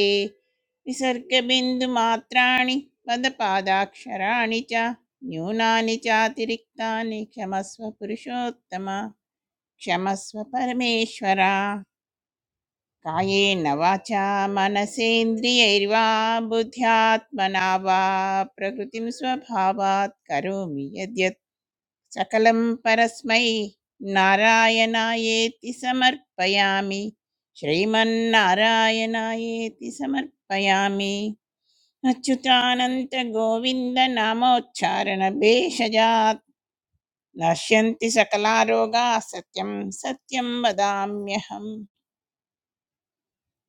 Speaker 7: विसर्गबिन्दुमात्राणि पदपादाक्षराणि च न्यूनानि चातिरिक्तानि क्षमस्व पुरुषोत्तम क्षमस्व परमेश्वर कायेन वाचा मनसेन्द्रियैर्वा बुद्ध्यात्मना वा प्रकृतिं स्वभावात् करोमि यद्यत् सकलं परस्मै नारायणायेति समर्पयामि श्रीमन्नारायणायेति समर्पयामि अच्युतानन्तगोविन्दनामोच्चारणभेषजात् नश्यन्ति सकलारोगाः सत्यं सत्यं वदाम्यहम्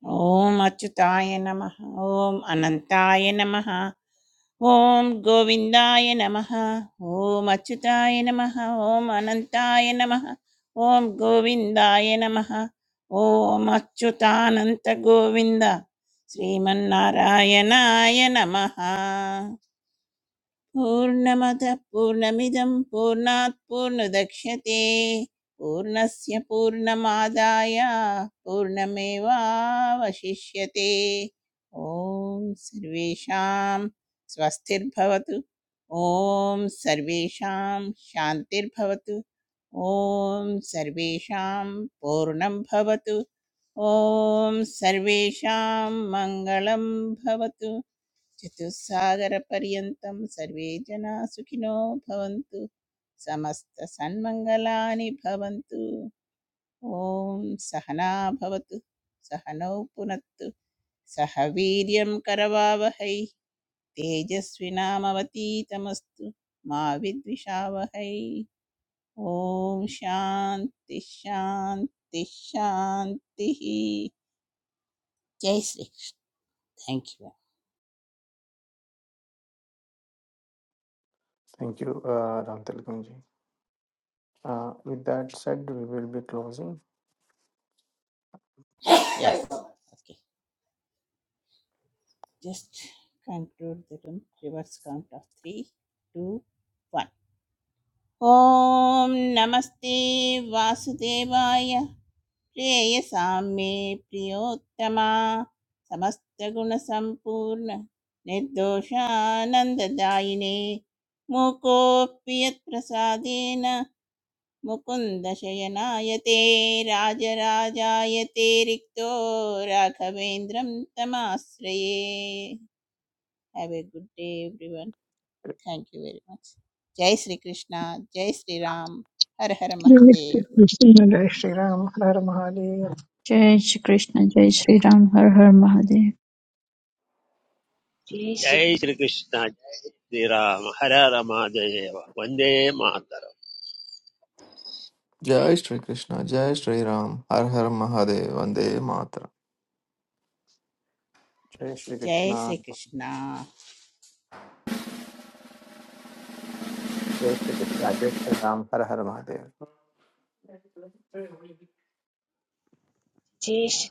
Speaker 7: ॐ अच्युताय नमः ॐ अनन्ताय नमः ॐ गोविन्दाय नमः ॐ अच्युताय नमः ॐ अनन्ताय नमः ॐ गोविन्दाय नमः ॐ अच्युतानन्तगोविन्द श्रीमन्नारायणाय नमः पूर्णमदः पूर्णमिदं पूर्णात् पूर्णदक्ष्यते पूर्णस्य पूर्णमादाय पूर्णमेवावशिष्यते ॐ सर्वेषां स्वस्तिर्भवतु ॐ सर्वेषां शान्तिर्भवतु ॐ सर्वेषां पूर्णं भवतु ॐ सर्वेषां मङ्गलं भवतु चतुस्सागरपर्यन्तं सर्वे जनाः सुखिनो भवन्तु समस्तसन्मङ्गलानि भवन्तु ॐ सहना भवतु सहनौ पुनत्तु सह वीर्यं करवावहै तेजस्विनामवतीतमस्तु मा विद्विषावहै ॐ शान्ति शान्ति शान्तिः जय Shri Krishna. Thank
Speaker 2: Thank you, uh, Ram Tilakam ji. Uh, with that said, we will be closing.
Speaker 7: You Just conclude the room. Reverse count of three, two, one. ॐ नमस्ते वासुदेवाय प्रेयसां मे प्रियोत्तमा समस्तगुणसम्पूर्ण निर्दोषानन्ददायिने मूकोऽपि यत्प्रसादेन मुकुन्दशयनायते राजराजायते रिक्तो राघवेन्द्रं तमाश्रये Have a good day, everyone. Thank you very much. Jai Sri Krishna, Jai Sri Ram, Har Har Mahadev.
Speaker 5: Krishna जय श्री राम हर हर महादेव
Speaker 9: जय श्री कृष्ण जय श्री राम हर हर महादेव
Speaker 1: जय श्री
Speaker 6: जय श्रीकृष्ण जय श्रीराम हर रमा जय एव वन्दे मातरम्
Speaker 8: जय श्रीकृष्ण जय श्रीराम हर हर महादेव वन्दे मातरम्
Speaker 2: Jai Shri
Speaker 7: Jai
Speaker 2: Krishna,
Speaker 7: Sri Krishna.
Speaker 2: Jai Shri Krishna, Jai Shri Ram, Har Har Mahadev.
Speaker 1: जय श्री